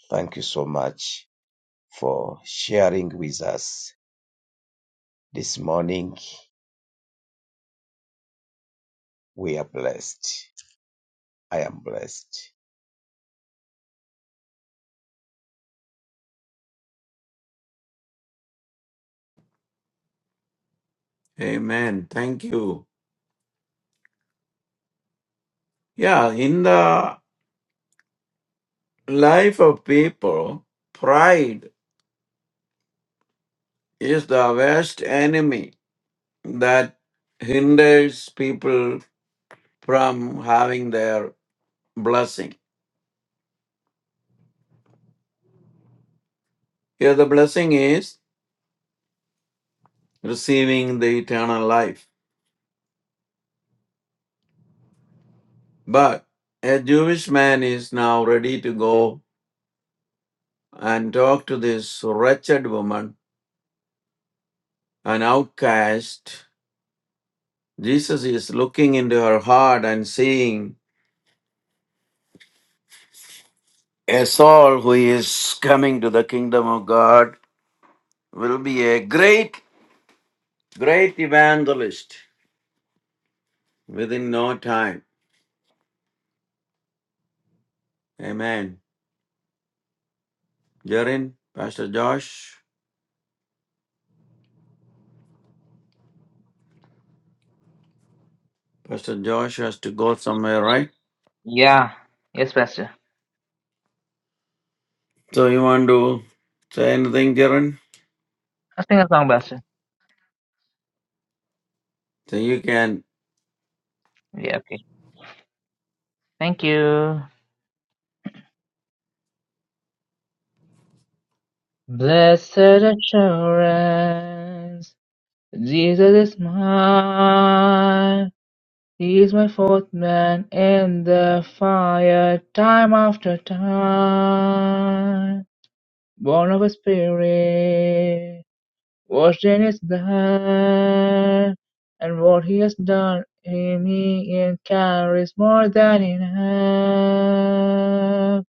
S4: thank you so much for sharing with us this morning. We are blessed. I am blessed.
S2: Amen. Thank you. Yeah, in the life of people, pride is the worst enemy that hinders people from having their blessing. Here, the blessing is receiving the eternal life. But a Jewish man is now ready to go and talk to this wretched woman, an outcast Jesus is looking into her heart and seeing a soul who is coming to the kingdom of God will be a great, great evangelist within no time. Amen. Jarin, Pastor Josh, Pastor Josh has to go somewhere, right?
S1: yeah yes pastor
S2: So you want to say anything, Jarin?
S1: I sing a song pastor
S2: So you can.
S1: yeah okay thank you blessed assurance Jesus is mine He is my fourth man in the fire, time after time. Born of a spirit, washed in his blood, and what he has done in me and carries more than enough.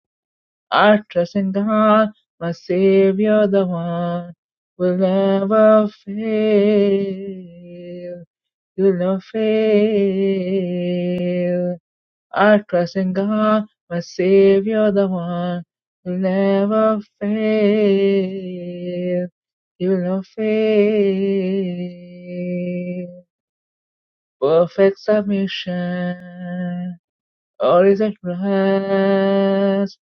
S1: I trust in God, my Savior, the one will never fail. You'll never fail. I trust in God, my Savior, the one who never fails. He will not fail. Perfect submission, all is at rest.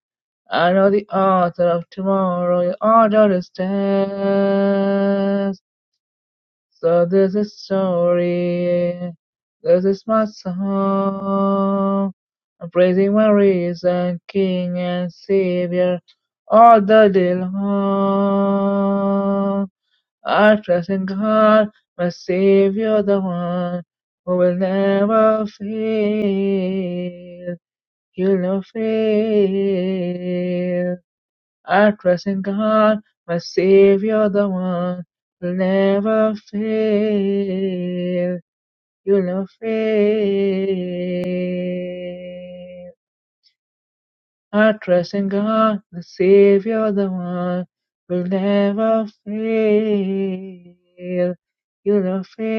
S1: I know the author of tomorrow, your order is dead. So there's a story, this is my song. I'm praising my risen King and Savior all the day long. I trust in God, my Savior, the one who will never fail. You'll not fail. I trust in God, my Savior, the one who'll never fail. You'll not fail. I trust in God, the Savior, the one who'll never fail. You'll not fail.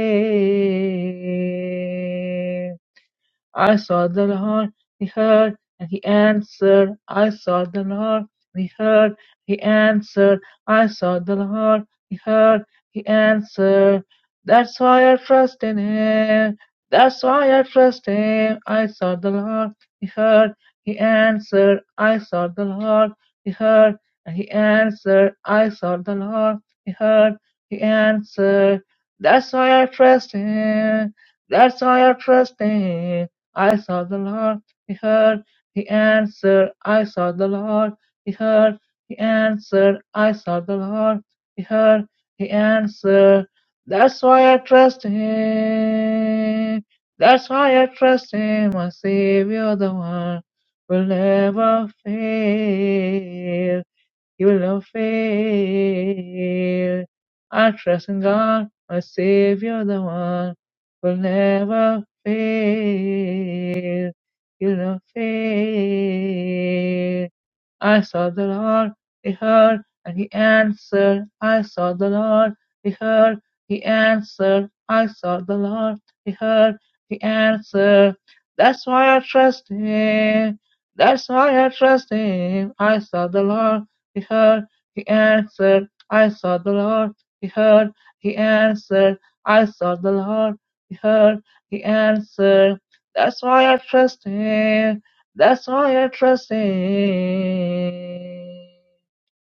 S1: I saw the Lord, he heard, and he answered. I saw the Lord, he heard, he answered. I saw the Lord, he heard, he answered. That's why I trust in him. That's why I trust him. I saw the Lord, he heard, he answered. I saw the Lord, he heard, and he answered. I saw the Lord, he heard, he answered. That's why I trust him. That's why I trust him. I saw the Lord, He heard, He answered. I saw the Lord, He heard, He answered. I saw the Lord, He heard, He answered. That's why I trust Him. That's why I trust Him, my Savior, the one will never fail. He will never fail. I trust in God, my Savior, the one who will never fail. He'll never fail. I saw the Lord, He heard, and He answered. I saw the Lord, He heard, He answered. I saw the Lord, He heard, He answered. That's why I trust Him. That's why I trust Him. I saw the Lord he heard, he answered, I saw the Lord. He heard, he answered, I saw the Lord. He heard, he answered, that's why I trust him. That's why I trust him.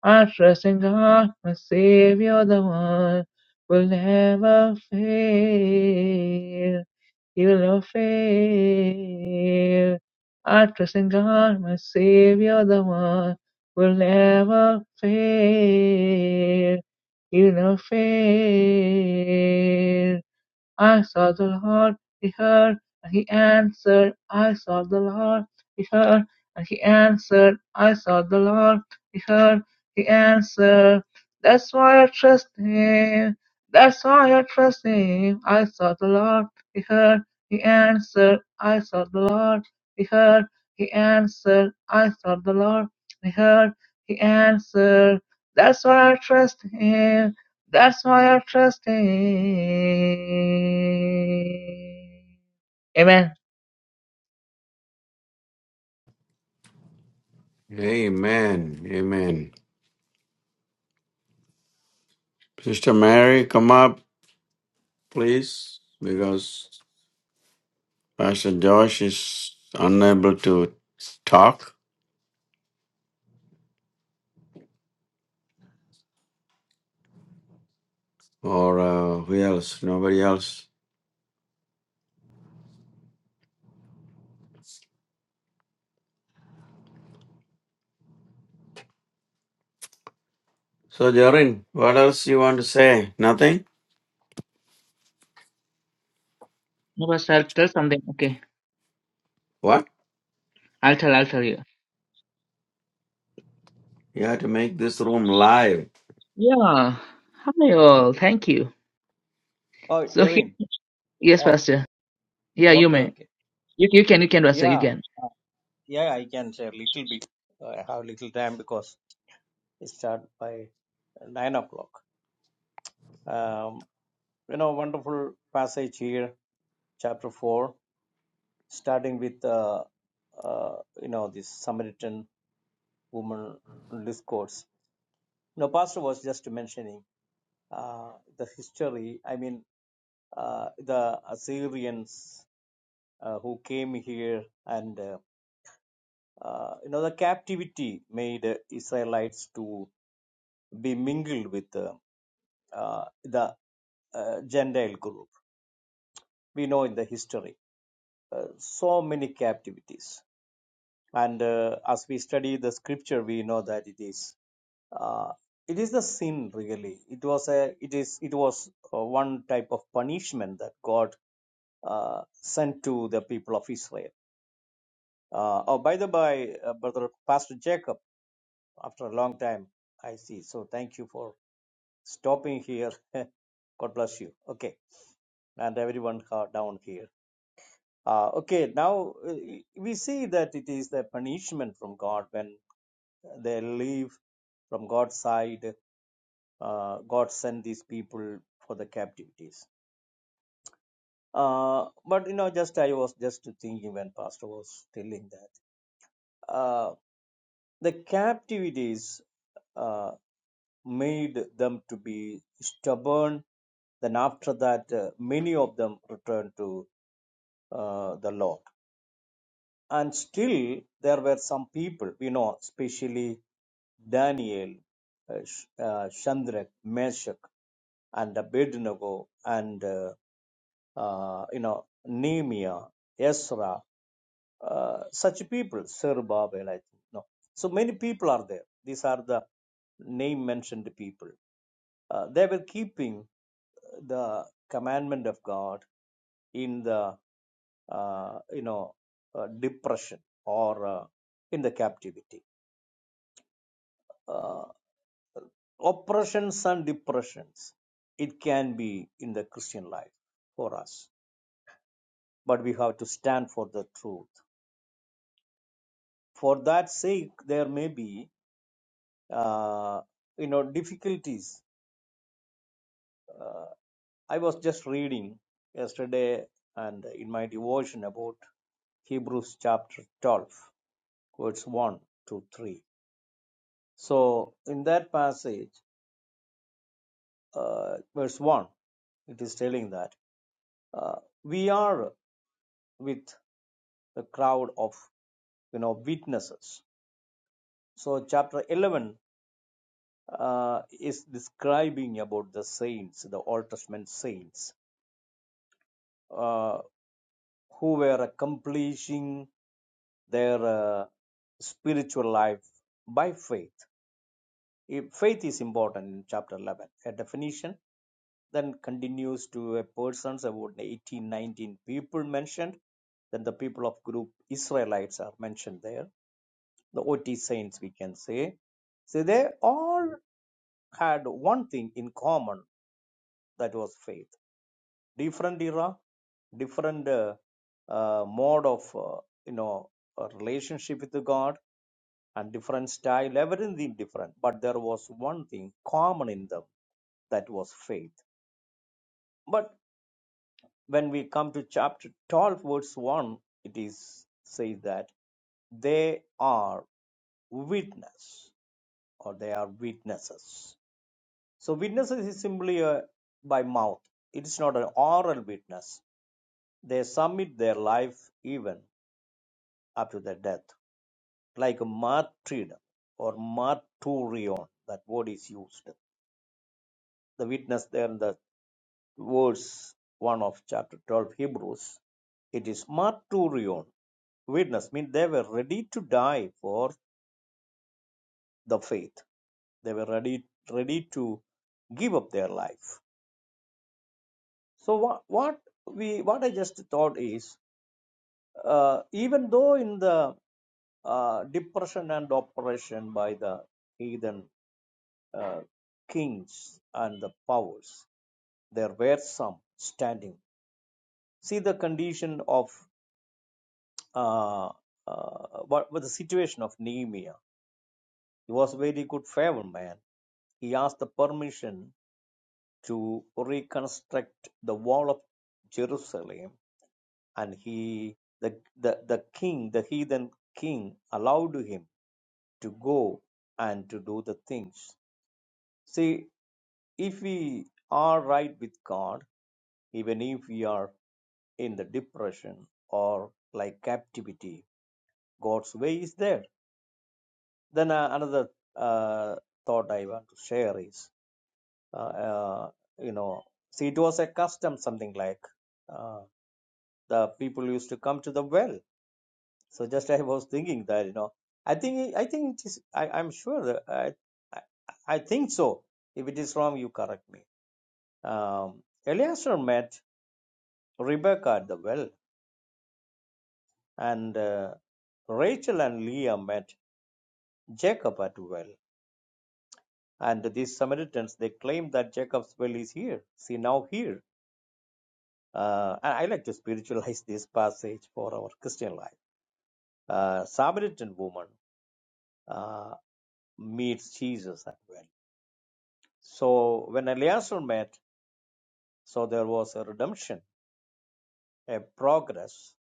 S1: I trust in God, my Savior, the one will never fail. He will not fail. I trust in God, my Savior, the one will never fail. You never fail. I sought the Lord, He heard, and He answered. I sought the Lord, He heard, and He answered. I sought the Lord, He heard, He answered. That's why I trust Him. That's why I trust Him. I sought the Lord, He heard, He answered. I sought the Lord, He heard, He answered. I sought the Lord, He heard, He answered. That's why I trust Him. That's why I trust him. Amen.
S2: Amen. Amen. Sister Mary, come up, please, because Pastor Josh is unable to talk, or uh, who else? Nobody else. So, Jorin, what else you want to say? Nothing?
S1: No, I'll tell something. Okay.
S2: What?
S1: I'll tell, I'll tell you.
S2: You have to make this room live.
S1: Yeah. Hi all. Thank you.
S3: Oh,
S1: So here,
S3: Jerry.
S1: yes,
S3: Oh,
S1: Pastor. Yeah, you
S3: okay,
S1: may.
S3: okay.
S1: You, you can, you can, Pastor. You
S3: Yeah,
S1: can.
S3: uh, yeah, I can share a little bit. Uh, I have little time because it start by nine o'clock. Um, you know, wonderful passage here, chapter four, starting with uh, uh, you know this Samaritan woman discourse. You know, pastor was just mentioning uh, the history. I mean, uh, the Assyrians uh, who came here and. uh, uh, you know the captivity made uh, israelites to be mingled with uh, uh, the uh, gentile group we know in the history uh, so many captivities and uh, as we study the scripture we know that it is uh, it is the sin really it was a it is it was uh, one type of punishment that god uh, sent to the people of israel uh, oh by the by uh, brother pastor jacob after a long time i see so thank you for stopping here. (laughs) God bless you. Okay, and everyone down here. Uh, okay, now uh, we see that it is the punishment from God when they leave from God's side. Uh, God sent these people for the captivities. Uh, but you know, just I was just thinking when Pastor was telling that uh, the captivities uh, made them to be stubborn. Then after that, uh, many of them returned to uh, the Lord. And still, there were some people, we know, especially Daniel, uh, Sh- uh, Shadrach, Meshach, and Abednego, and uh, uh, you know Nehemiah, Ezra, uh, such people, Zerubbabel, I think. No, so many people are there. These are the name mentioned people. Uh, they were keeping the commandment of God in the uh, you know, uh, depression or uh, in the captivity. Uh, oppressions and depressions, it can be in the Christian life for us, but we have to stand for the truth. For that sake, there may be, uh, you know, difficulties. Uh, I was just reading yesterday and in my devotion about Hebrews chapter 12, verse 1 to 3. So, in that passage, uh, verse 1. it is telling that uh, we are with the crowd of you know witnesses so chapter 11 uh, is describing about the saints the old testament saints uh, who were accomplishing their uh, spiritual life by faith if faith is important in chapter 11 a definition then continues to a persons about 18, 19 people mentioned then the people of group israelites are mentioned there the OT saints, we can say. See, they all had one thing in common that was faith. Different era, different uh, uh, mode of uh, you know a relationship with God, and different style. Everything different, but there was one thing common in them that was faith. But when we come to chapter 12, verse 1, it is says that they are witness or they are witnesses So witnesses is simply uh, by mouth. It is not an oral witness. They submit their life even up to their death, like a martyrdom or martyrion. That word is used. The witness there in the verse one of chapter twelve Hebrews. It is martyrion. Witness means they were ready to die for the faith. They were ready ready to give up their life. So what what we what I just thought is Uh, even though in the uh, depression and oppression by the heathen uh, kings and the powers, there were some standing. See the condition of uh, uh, what was the situation of Nehemiah. He was a very good favor man. He asked the permission to reconstruct the wall of Jerusalem, and he the the, the king, the heathen king, allowed him to go and to do the things. See, if we are right with God, even if we are in the depression or like captivity, God's way is there. Then uh, another uh, thought I want to share is, uh, uh, you know, see, it was a custom, something like uh, the people used to come to the well. So just (laughs) I was thinking that, you know, I think I think it is. I, I'm sure. that- I, I I think so. If it is wrong, you correct me Um, Eleazar met Rebekah at the well, and uh, Rachel and Leah met Jacob at the well. And these Samaritans, they claim that Jacob's well is here. See, now here. Uh, and I like to spiritualize this passage for our Christian life. Uh, Samaritan woman uh, meets Jesus at well. So when Eleazar met, so there was a redemption, a progress,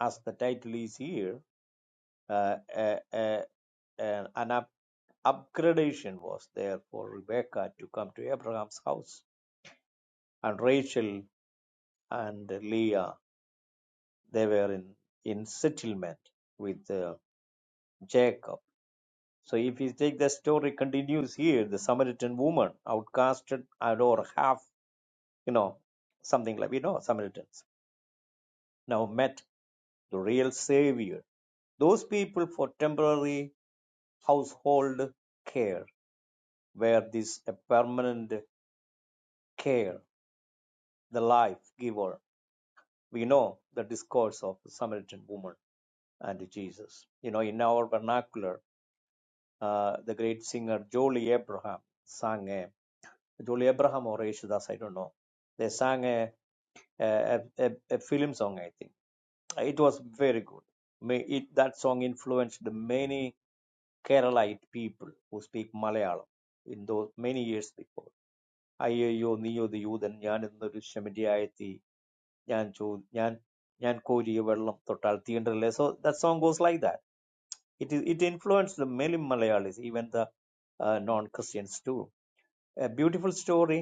S3: as the title is here, uh, a, a, a, an upgradation was there for Rebecca to come to Abraham's house. And Rachel and Leah, they were in, in settlement with uh, Jacob. So if you take the story continues here, the Samaritan woman outcasted and or half, you know, something like, you know, Samaritans now met the real savior. Those people for temporary household care were this a permanent care, the life giver We know the discourse of the Samaritan woman and Jesus. You know, in our vernacular, uh, the great singer Jolie Abraham sang a Jolie Abraham or Yeshudas, I don't know. They sang a, a, a, a film song, I think. It was very good. May it, that song influenced many Keralite people who speak Malayalam in those many years before. അയ്യയ്യോ നീയൊരു യൂതൻ ഞാനെന്നൊരു ശമരിയായത്തി Yancho, yan, yan, kojiyuvellum total tiyendrile. So that song goes like that. It is, it influenced the Malayalamis, even the non-Catholics too. A beautiful story,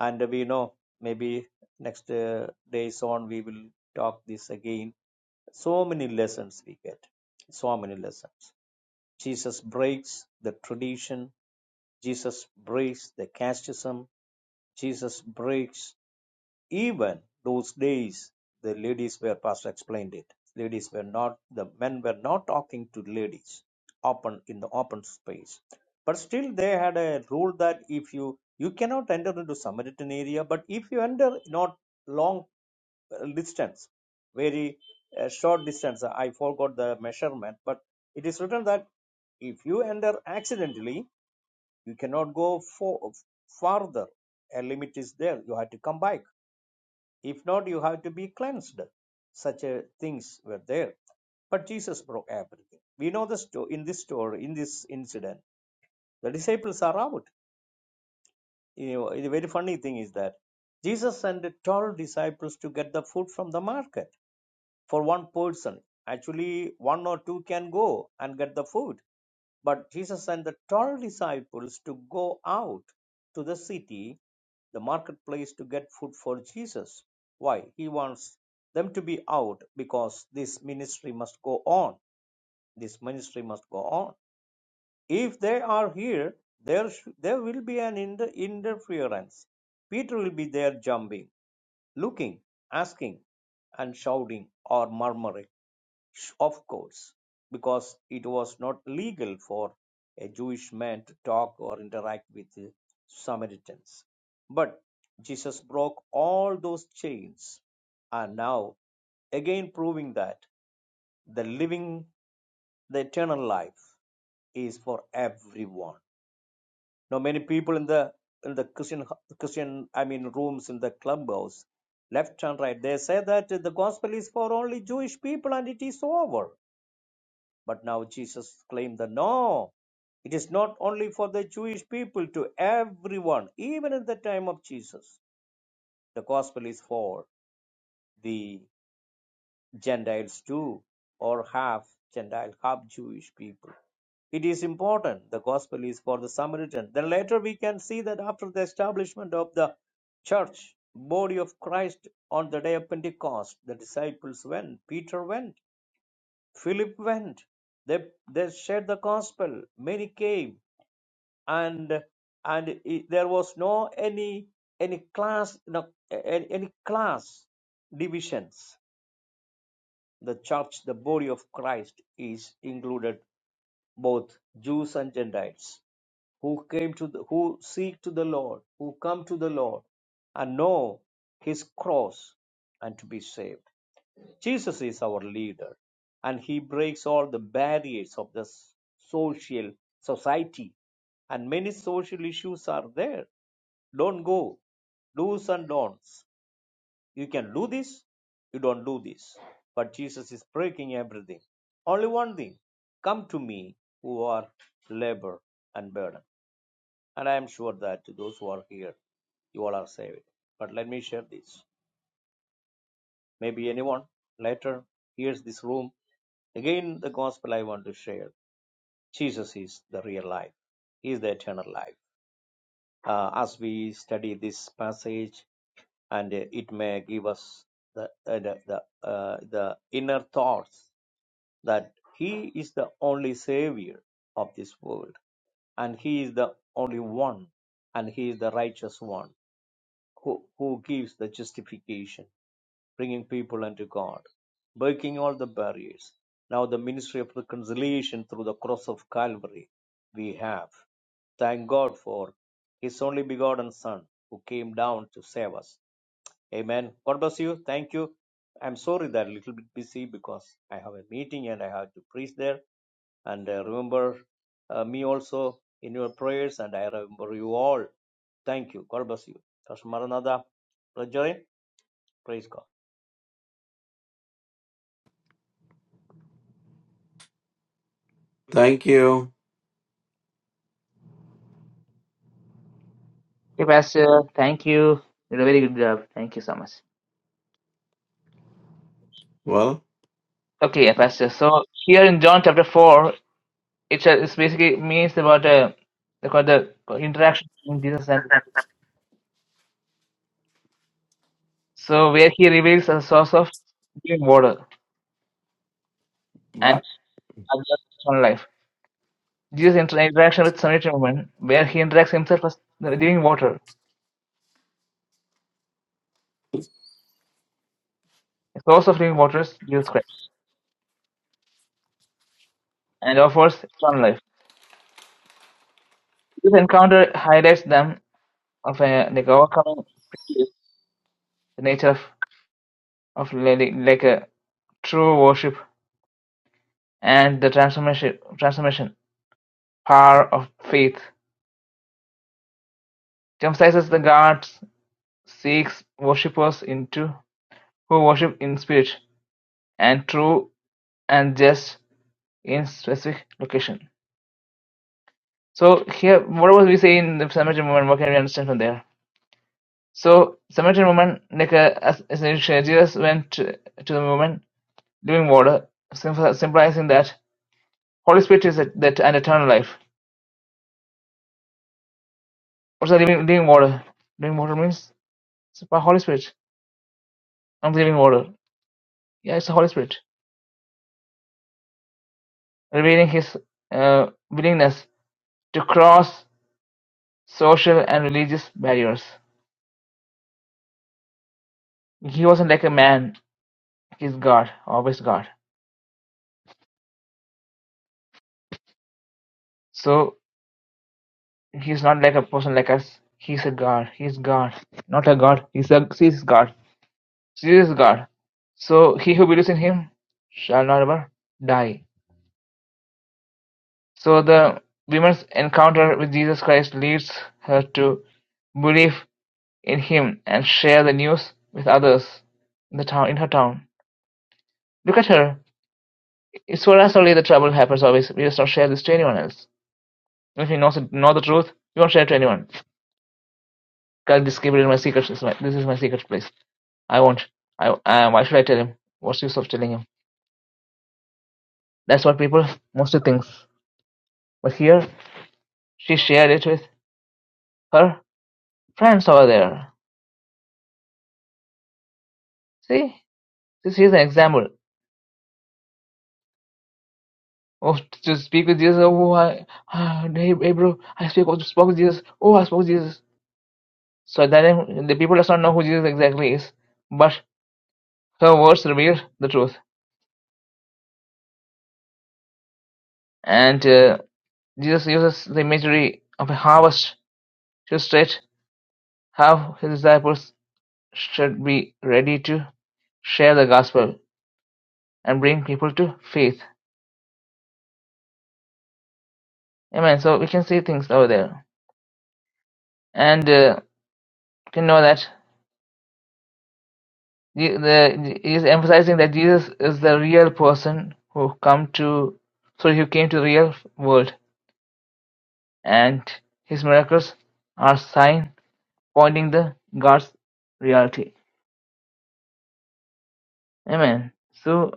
S3: and we know maybe next uh, days on we will talk this again. So many lessons we get. So many lessons. Jesus breaks the tradition. Jesus breaks the casteism. Jesus breaks. Even those days, the ladies were, Pastor explained it, ladies were not, the men were not talking to ladies open in the open space. But still, they had a rule that if you, you cannot enter into Samaritan area, but if you enter not long uh, distance, very uh, short distance, I forgot the measurement, but it is written that if you enter accidentally, you cannot go for, farther. A limit is there. You have to come back if not, you have to be cleansed. Such uh, things were there. But Jesus broke everything. We know the story in this story, in this incident. The disciples are out. You know, the very funny thing is that Jesus sent the 12 disciples to get the food from the market for one person. Actually, one or two can go and get the food. But Jesus sent the 12 disciples to go out to the city, the marketplace, to get food for Jesus. Why? He wants them to be out because this ministry must go on. This ministry must go on. If they are here, there, sh- there will be an inter- interference. Peter will be there jumping, looking, asking, and shouting or murmuring of course, because it was not legal for a Jewish man to talk or interact with the Samaritans. But Jesus broke all those chains and now again proving that the living the eternal life is for everyone now many people in the in the christian christian i mean rooms in the clubhouse left and right they say that the gospel is for only jewish people and it is over But now Jesus claimed that no, it is not only for the Jewish people, to everyone, even at the time of Jesus. The gospel is for the Gentiles too, or half Gentile, half Jewish people. It is important. The gospel is for the Samaritan. Then later we can see that after the establishment of the church, body of Christ on the day of Pentecost, the disciples went, Peter went Philip went. They, they shared the gospel. Many came, and and it- there was no any any class no, any, any class divisions. The church, the body of Christ, is included both Jews and Gentiles who came to the, who seek to the Lord, who come to the Lord, and know His cross and to be saved. Jesus is our leader and he breaks all the barriers of the social society and many social issues are there. Don't go. Do's and don'ts. You can do this, you don't do this. But Jesus is breaking everything. Only one thing come to me who are labor and burden. And I am sure that those who are here, you all are saved. But let me share this. Maybe anyone later hears this room. Again, the gospel I want to share Jesus is the real life, He is the eternal life. Uh, as we study this passage, and uh, it may give us the, uh, the, the, uh, the inner thoughts that He is the only Savior of this world and he is the only one and he is the righteous one who, who gives the justification bringing people unto God, breaking all the barriers. Now, the ministry of reconciliation through the cross of Calvary, we have. Thank God for His only begotten Son who came down to save us. Amen. God bless you. Thank you. I'm sorry that I'm a little bit busy because I have a meeting and I have to preach there. And uh, remember uh, me also in your prayers, and I remember you all. Thank you. God bless you. Pastor Maranatha, Praise God.
S2: Thank you.
S1: Okay, Pastor. Thank you. You did a very good job. Thank you so much.
S2: Well,
S1: Okay, yeah, Pastor. So here in John chapter 4, it's, a, it's basically means about uh, about the interaction between Jesus and the So where he reveals the source of living water. and.
S2: what?
S1: are Just on life. Jesus' inter- interaction with Samaritan woman, where he interacts himself as the living water, the source of living waters, Jesus Christ, and offers eternal life. This encounter highlights them of a like overcoming prejudice, the nature of of li- like a true worship and the transformation transformation power of faith. It emphasizes the God's seeks worshippers into who worship in spirit and true and just in specific location. So here, what was we say in the Samaritan woman? What can we understand from there? So Samaritan woman, like uh, as, as in Jesus went to, to the woman, living water, sym- symbolizing that Holy Spirit is that, that an eternal life. What's the living, living water? Living water means it's the Holy Spirit. I'm the living water. Yeah, it's the Holy Spirit revealing His uh, willingness to cross social and religious barriers. He wasn't like a man. He's God, always God. So. He's not like a person like us. He's a god. He's God. Not a god. He's a serious God. Serious God. So he who believes in him shall not ever die. So the woman's encounter with Jesus Christ leads her to believe in him and share the news with others in the town in her town. Look at her. It's for us only the trouble happens always. We just don't share this to anyone else. If you know, know the truth, you won't share it to anyone. God, this keep it in my secret. This is my, this is my secret place. I won't. I uh, why should I tell him? What's the use of telling him? That's what people mostly think. But here, she shared it with her friends over there. See, this is an example. Oh, to speak with Jesus. Oh, I, (sighs) ah, hey, hey, bro, I speak, oh, spoke with Jesus. Oh, I spoke with Jesus. So at that time, the people does not know who Jesus exactly is, but her words reveal the truth. And uh, Jesus uses the imagery of a harvest to state how his disciples should be ready to share the gospel and bring people to faith. Amen. So we can see things over there, and uh, we can know that Je- the, he is emphasizing that Jesus is the real person who come to, sorry, who came to the real world, and his miracles are sign pointing the God's reality. Amen. So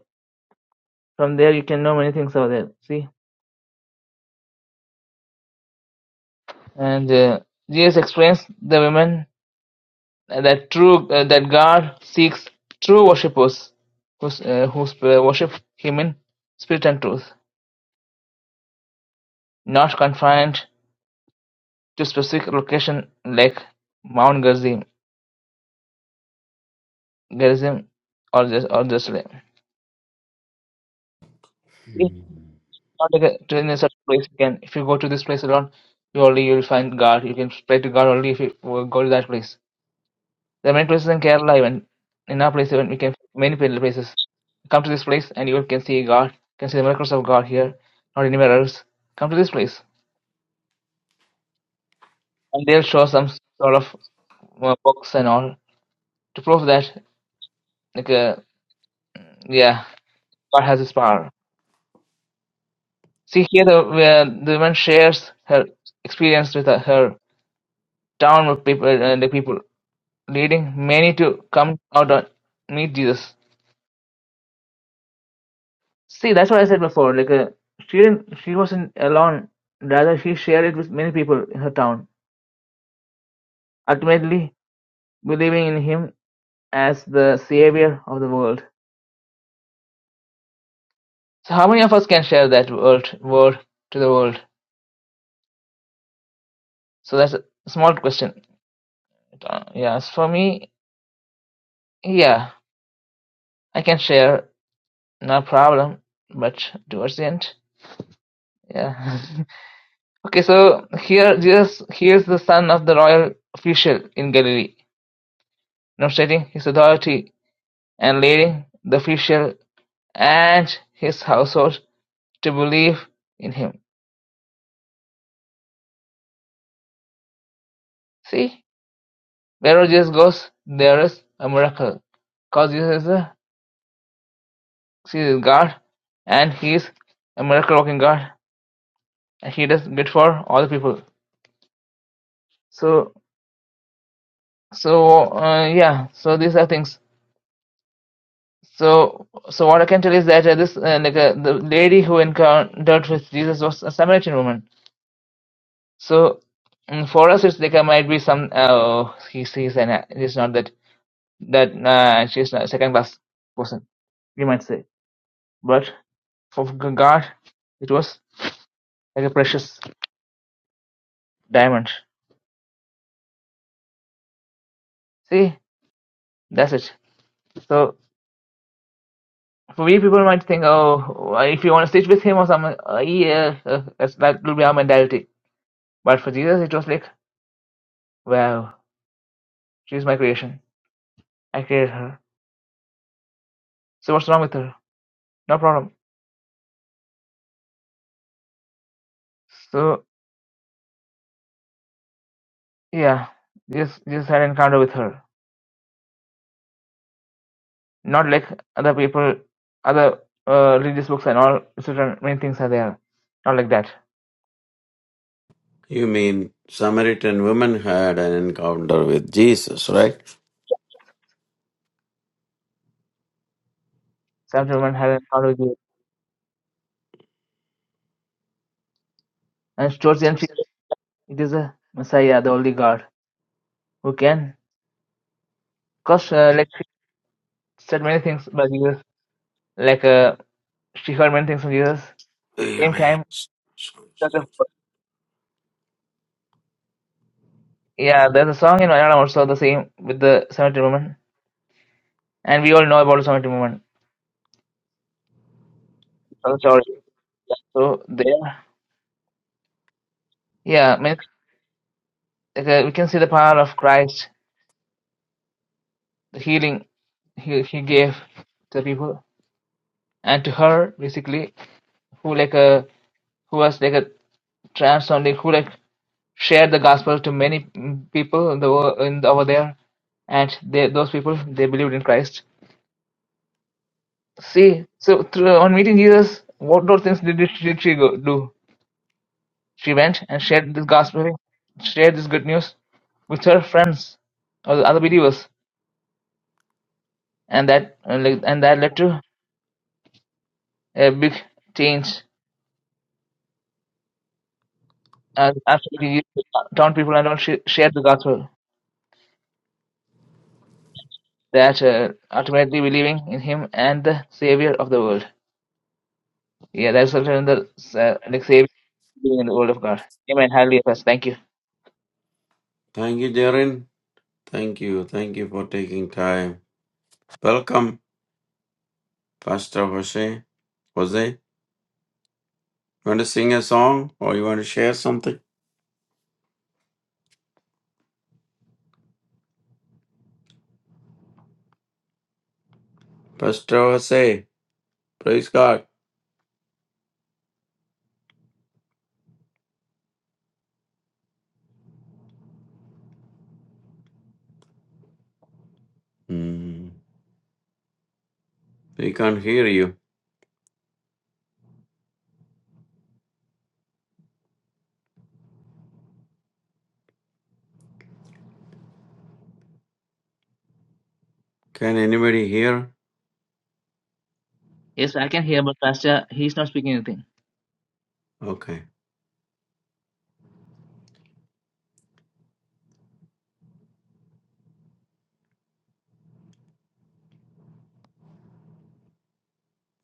S1: from there you can know many things over there. See, and uh, Jesus explains the women that true uh, that God seeks true worshippers who uh, who sp- worship Him in spirit and truth, not confined to specific location like Mount Gerizim, Gerizim or just or Jerusalem. If not to get to any such place, you can if you go to this place alone, you only you will find God. You can pray to God only if you go to that place. There are many places in Kerala even. In our place even we can many places. Come to this place and you can see God, can see the miracles of God here, not anywhere else. Come to this place. And they'll show some sort of uh, books and all to prove that, like, uh, yeah, God has His power. See here, the where the woman shares her experience with her, her town with people, uh, the people, leading many to come out and meet Jesus. See, that's what I said before. Like, uh, she didn't. She wasn't alone. Rather, she shared it with many people in her town. Ultimately, believing in him as the savior of the world. So, how many of us can share that world word to the world? So that's a small question. Uh, yeah, as for me, yeah, I can share, no problem. But towards the end, yeah. (laughs) okay, so here, Jesus, here's the son of the royal official in Galilee, demonstrating his authority and leading the official and his household to believe in him. See, wherever Jesus goes, there is a miracle. Because Jesus is a serious God and he is a miracle working God and he does good for all the people. So, so uh, yeah, so these are things. So, so what I can tell is that uh, this uh, like uh, the lady who encountered with Jesus was a Samaritan woman. So Mm, for us it's like uh, might be some uh, he sees and uh, it's not that that uh, she's a second class person, you might say. But for God, it was like a precious diamond. See, that's it. So for me, people might think, oh, if you want to stitch with him or something, uh, yeah, uh, uh, that's, that will be our mentality. But for Jesus, it was like, wow, she's my creation. I created her. So what's wrong with her? No problem. So yeah, Jesus, Jesus had an encounter with her not like other people, other uh, religious books and all. Certain many things are there, not like that.
S2: You mean Samaritan woman had an encounter with Jesus, right?
S1: Some woman had an encounter with you, and towards the end she it is a Messiah, the only God who can. Cause uh, like she said many things about Jesus, like uh, she heard many things from Jesus. Same
S2: Really?
S1: time, because of- yeah, there's a song in Malayalam also the same with the Samaritan woman, and we all know about the Samaritan woman. It's Another story. So there, yeah, many, like, uh, we can see the power of Christ the healing he, he gave to the people and to her basically who like a who was like a trans only who like shared the gospel to many mm, people in the world in over there and they, those people they believed in Christ. See, so through, on meeting Jesus, what those things did, did she go, do? She went and shared this gospel, shared this good news with her friends or the other believers, and that and like- and that led to a big change uh, absolutely down people and don't sh- share the gospel that uh, ultimately believing in him and the savior of the world yeah that's in the uh, like savior being in the world of god amen hallelujah pastor thank you
S2: Thank you, Jorin. Thank you. Thank you for taking time. Welcome, Pastor Jose. Jose. You Want to sing a song or you want to share something? Pastor say, praise God. Hmm, we can't hear you. Can anybody hear?
S1: yes i can hear but pastor he's not speaking anything
S2: Okay.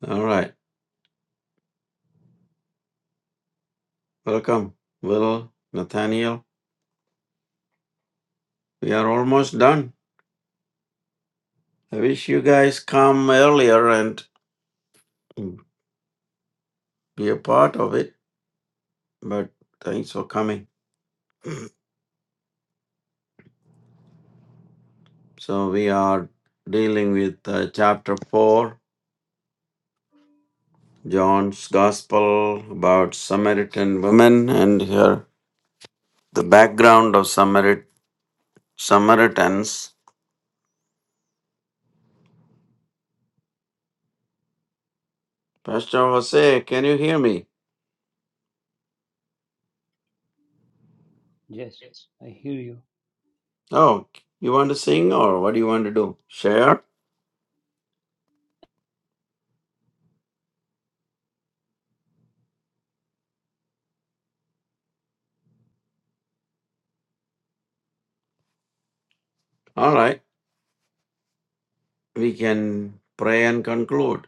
S2: All right. Welcome, little Nathaniel. We are almost done. I wish you guys come earlier and be a part of it, but thanks for coming. So we are dealing with uh, chapter 4, John's Gospel about Samaritan woman and her the background of Samaritan Samaritans. Pastor Jose, can you hear me?
S5: Yes, I hear you.
S2: Oh, you want to sing or what do you want to do? Share? All right. We can pray and conclude.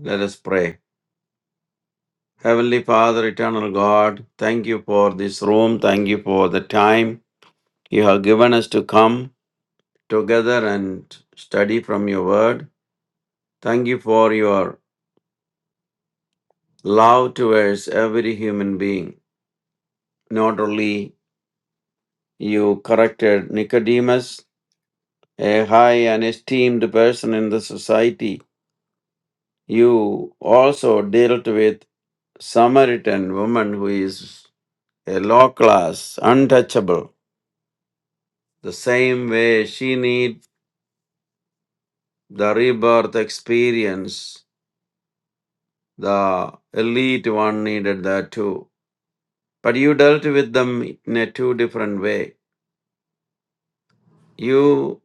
S2: Let us pray. Heavenly Father, eternal God, thank you for this room. Thank you for the time you have given us to come together and study from your word. Thank you for your love towards every human being. Not only you corrected Nicodemus, a high and esteemed person in the society. You also dealt with Samaritan woman who is a low class, untouchable. The same way she need the rebirth experience, the elite one needed that too. But you dealt with them in a two different way. You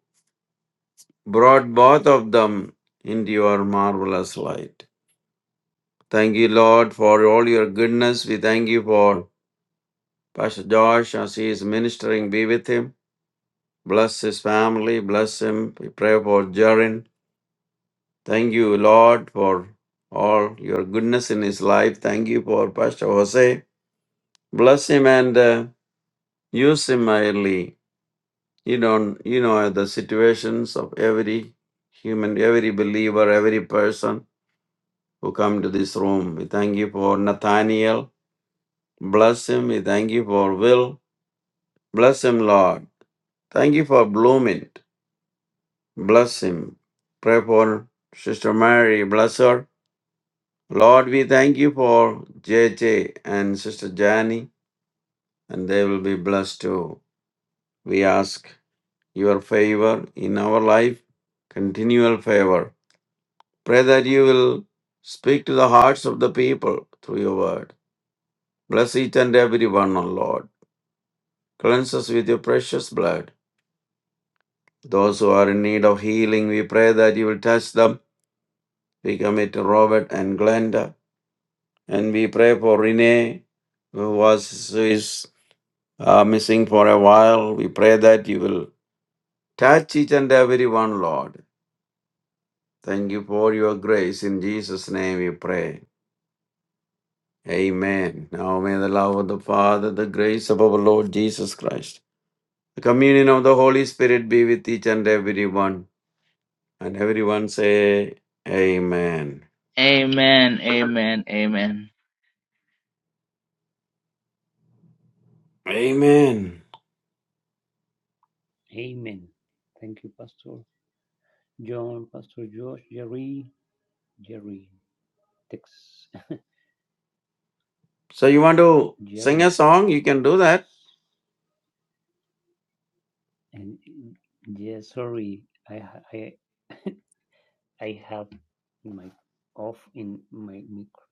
S2: brought both of them into your marvelous light. Thank you, Lord, for all your goodness. We thank you for Pastor Josh, as he is ministering, be with him. Bless his family. Bless him. We pray for Jarin. Thank you, Lord, for all your goodness in his life. Thank you for Pastor Jose. Bless him and uh, use him mightily. You don't, you know, the situations of every human, every believer, every person who come to this room. We thank you for Nathaniel. Bless him. We thank you for Will. Bless him, Lord. Thank you for Bloomint. Bless him. Pray for Sister Mary. Bless her. Lord, we thank you for JJ and Sister Jani, and they will be blessed too. We ask your favor in our life, continual favor. Pray that you will speak to the hearts of the people through your word. Bless each and every one, O Lord. Cleanse us with your precious blood. Those who are in need of healing, we pray that you will touch them. We commit Robert and Glenda. and we pray for Renee, who was is uh, missing for a while. We pray that you will touch each and every one, Lord. Thank you for your grace. In Jesus' name we pray. Amen. Now may the love of the Father, the grace of our Lord Jesus Christ, the communion of the Holy Spirit be with each and every one. And everyone say, Amen.
S1: amen amen amen
S2: Amen.
S5: Amen. Thank you, Pastor John, Pastor Josh, Jerry, Jerry, Tex, (laughs)
S2: So you want to sing a
S5: Jerry,
S2: song? You can do
S5: Tex,
S2: that.
S5: and yeah, sorry, I ha- I (laughs) I have my off in my micro.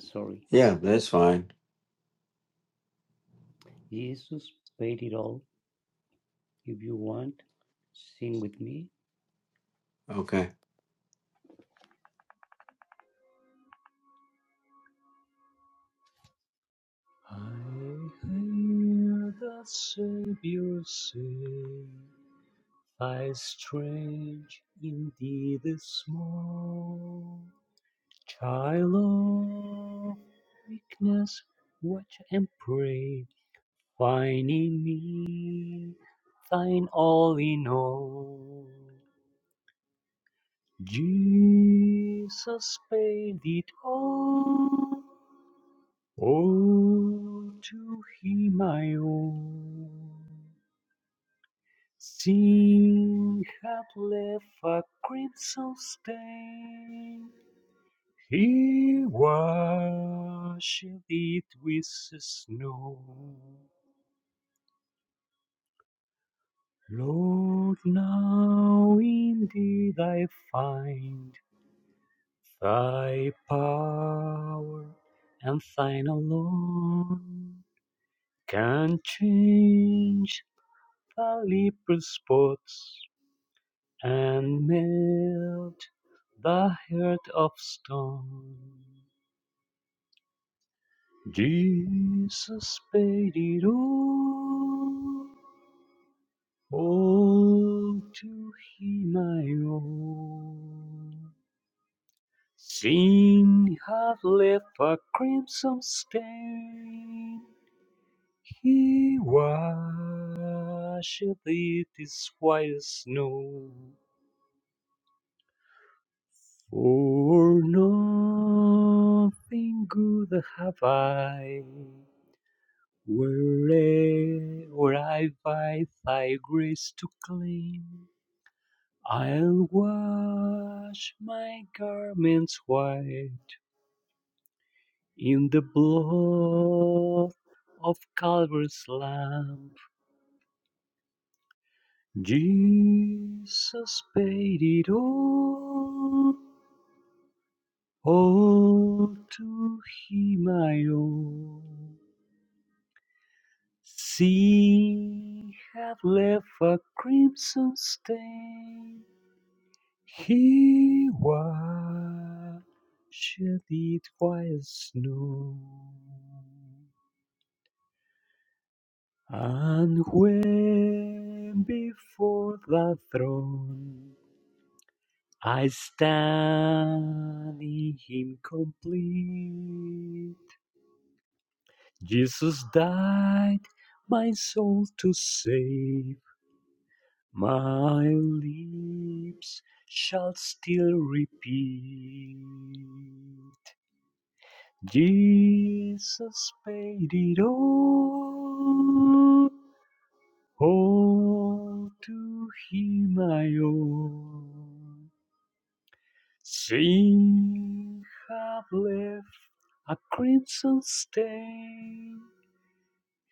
S5: Sorry,
S2: Yeah, that's fine.
S5: Jesus paid it all. If you want, sing with me.
S2: Okay.
S5: I hear the Savior say, Thy strength indeed is small. Child of weakness, watch and pray, find in me thine all in all. Jesus paid it all. Oh, to him I owe. Sin had left a crimson stain. He washed it with snow. Lord, now indeed I find thy power and thine alone can change the leper spots and melt the heart of stone. Jesus paid it all, all to him I owe. Sin had left a crimson stain, he washed it as white as snow. For nothing good have I, wherever I find thy grace to claim. I'll wash my garments white in the blood of Calvary's lamb. Jesus paid it all, all to him I owe. She had left a crimson stain. He watched it while snow. And when before the throne I stand in him complete, Jesus died my soul to save. My lips shall still repeat Jesus paid it all. All to him I owe. Sin have left a crimson stain.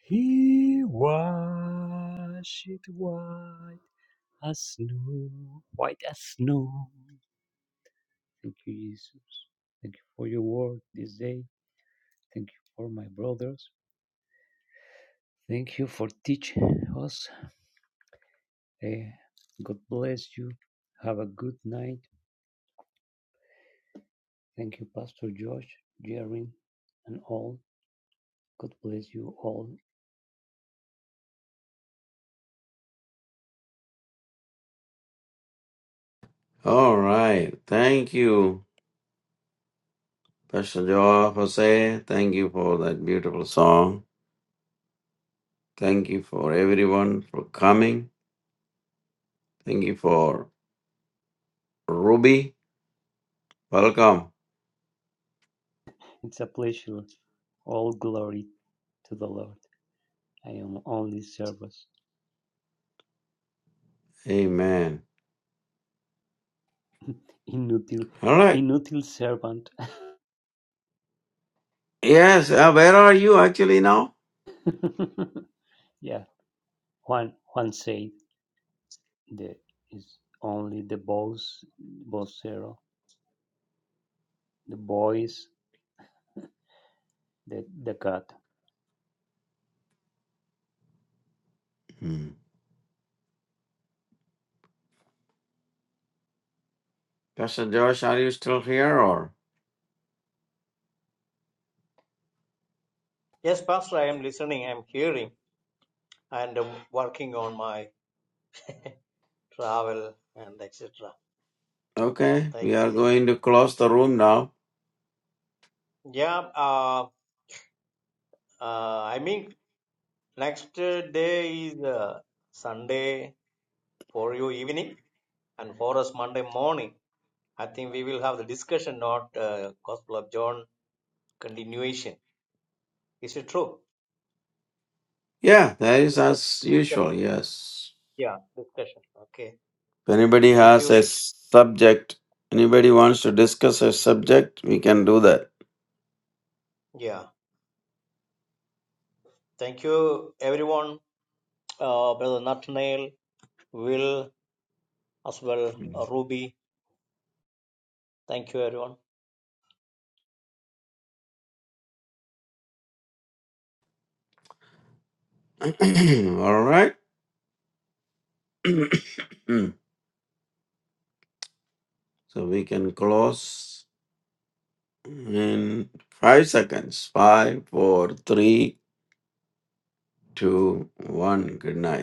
S5: He washed it white as snow, white as snow. Thank you, Jesus. Thank you for your word this day. Thank you for my brothers. Thank you for teaching us. Eh, God bless you. Have a good night. Thank you, Pastor Josh, Jerry, and all. God bless you all.
S2: All right. Thank you, Pastor Joa Jose. Thank you for that beautiful song. Thank you for everyone for coming. Thank you for Ruby. Welcome.
S5: It's a pleasure. All glory to the Lord. I am only servant,
S2: Amen.
S5: (laughs) inutile,
S2: All right.
S5: inutile servant.
S2: Yes. Uh, where are you actually now?
S5: (laughs) yeah, Juan, Juan said. There is only the boys, vocero, the boys, the, the cat.
S2: Hmm. Pastor Josh, are you still here or?
S3: Yes, Pastor, I am listening, I am hearing, and um, working on my travel and etc.
S2: Okay. We
S3: Thank
S2: are
S3: you.
S2: going to close the room now.
S3: Yeah, uh, uh, I mean, next uh, day is uh, Sunday for you evening, and for us Monday morning. I think we will have the discussion, not uh, Gospel of John continuation. Is it true?
S2: Yeah, that is
S3: Discussion.
S2: as usual. Yes.
S3: Yeah, discussion. Okay.
S2: If anybody
S3: Thank
S2: has
S3: you.
S2: a subject, anybody wants to discuss a subject, we can do that.
S3: Yeah. Thank you, everyone. Uh, Brother Nathaniel, Will, as well, uh, Ruby Thank you, everyone.
S2: (clears throat) All right. (clears throat) so we can close in five seconds. Five, four, three, two, one. Good night.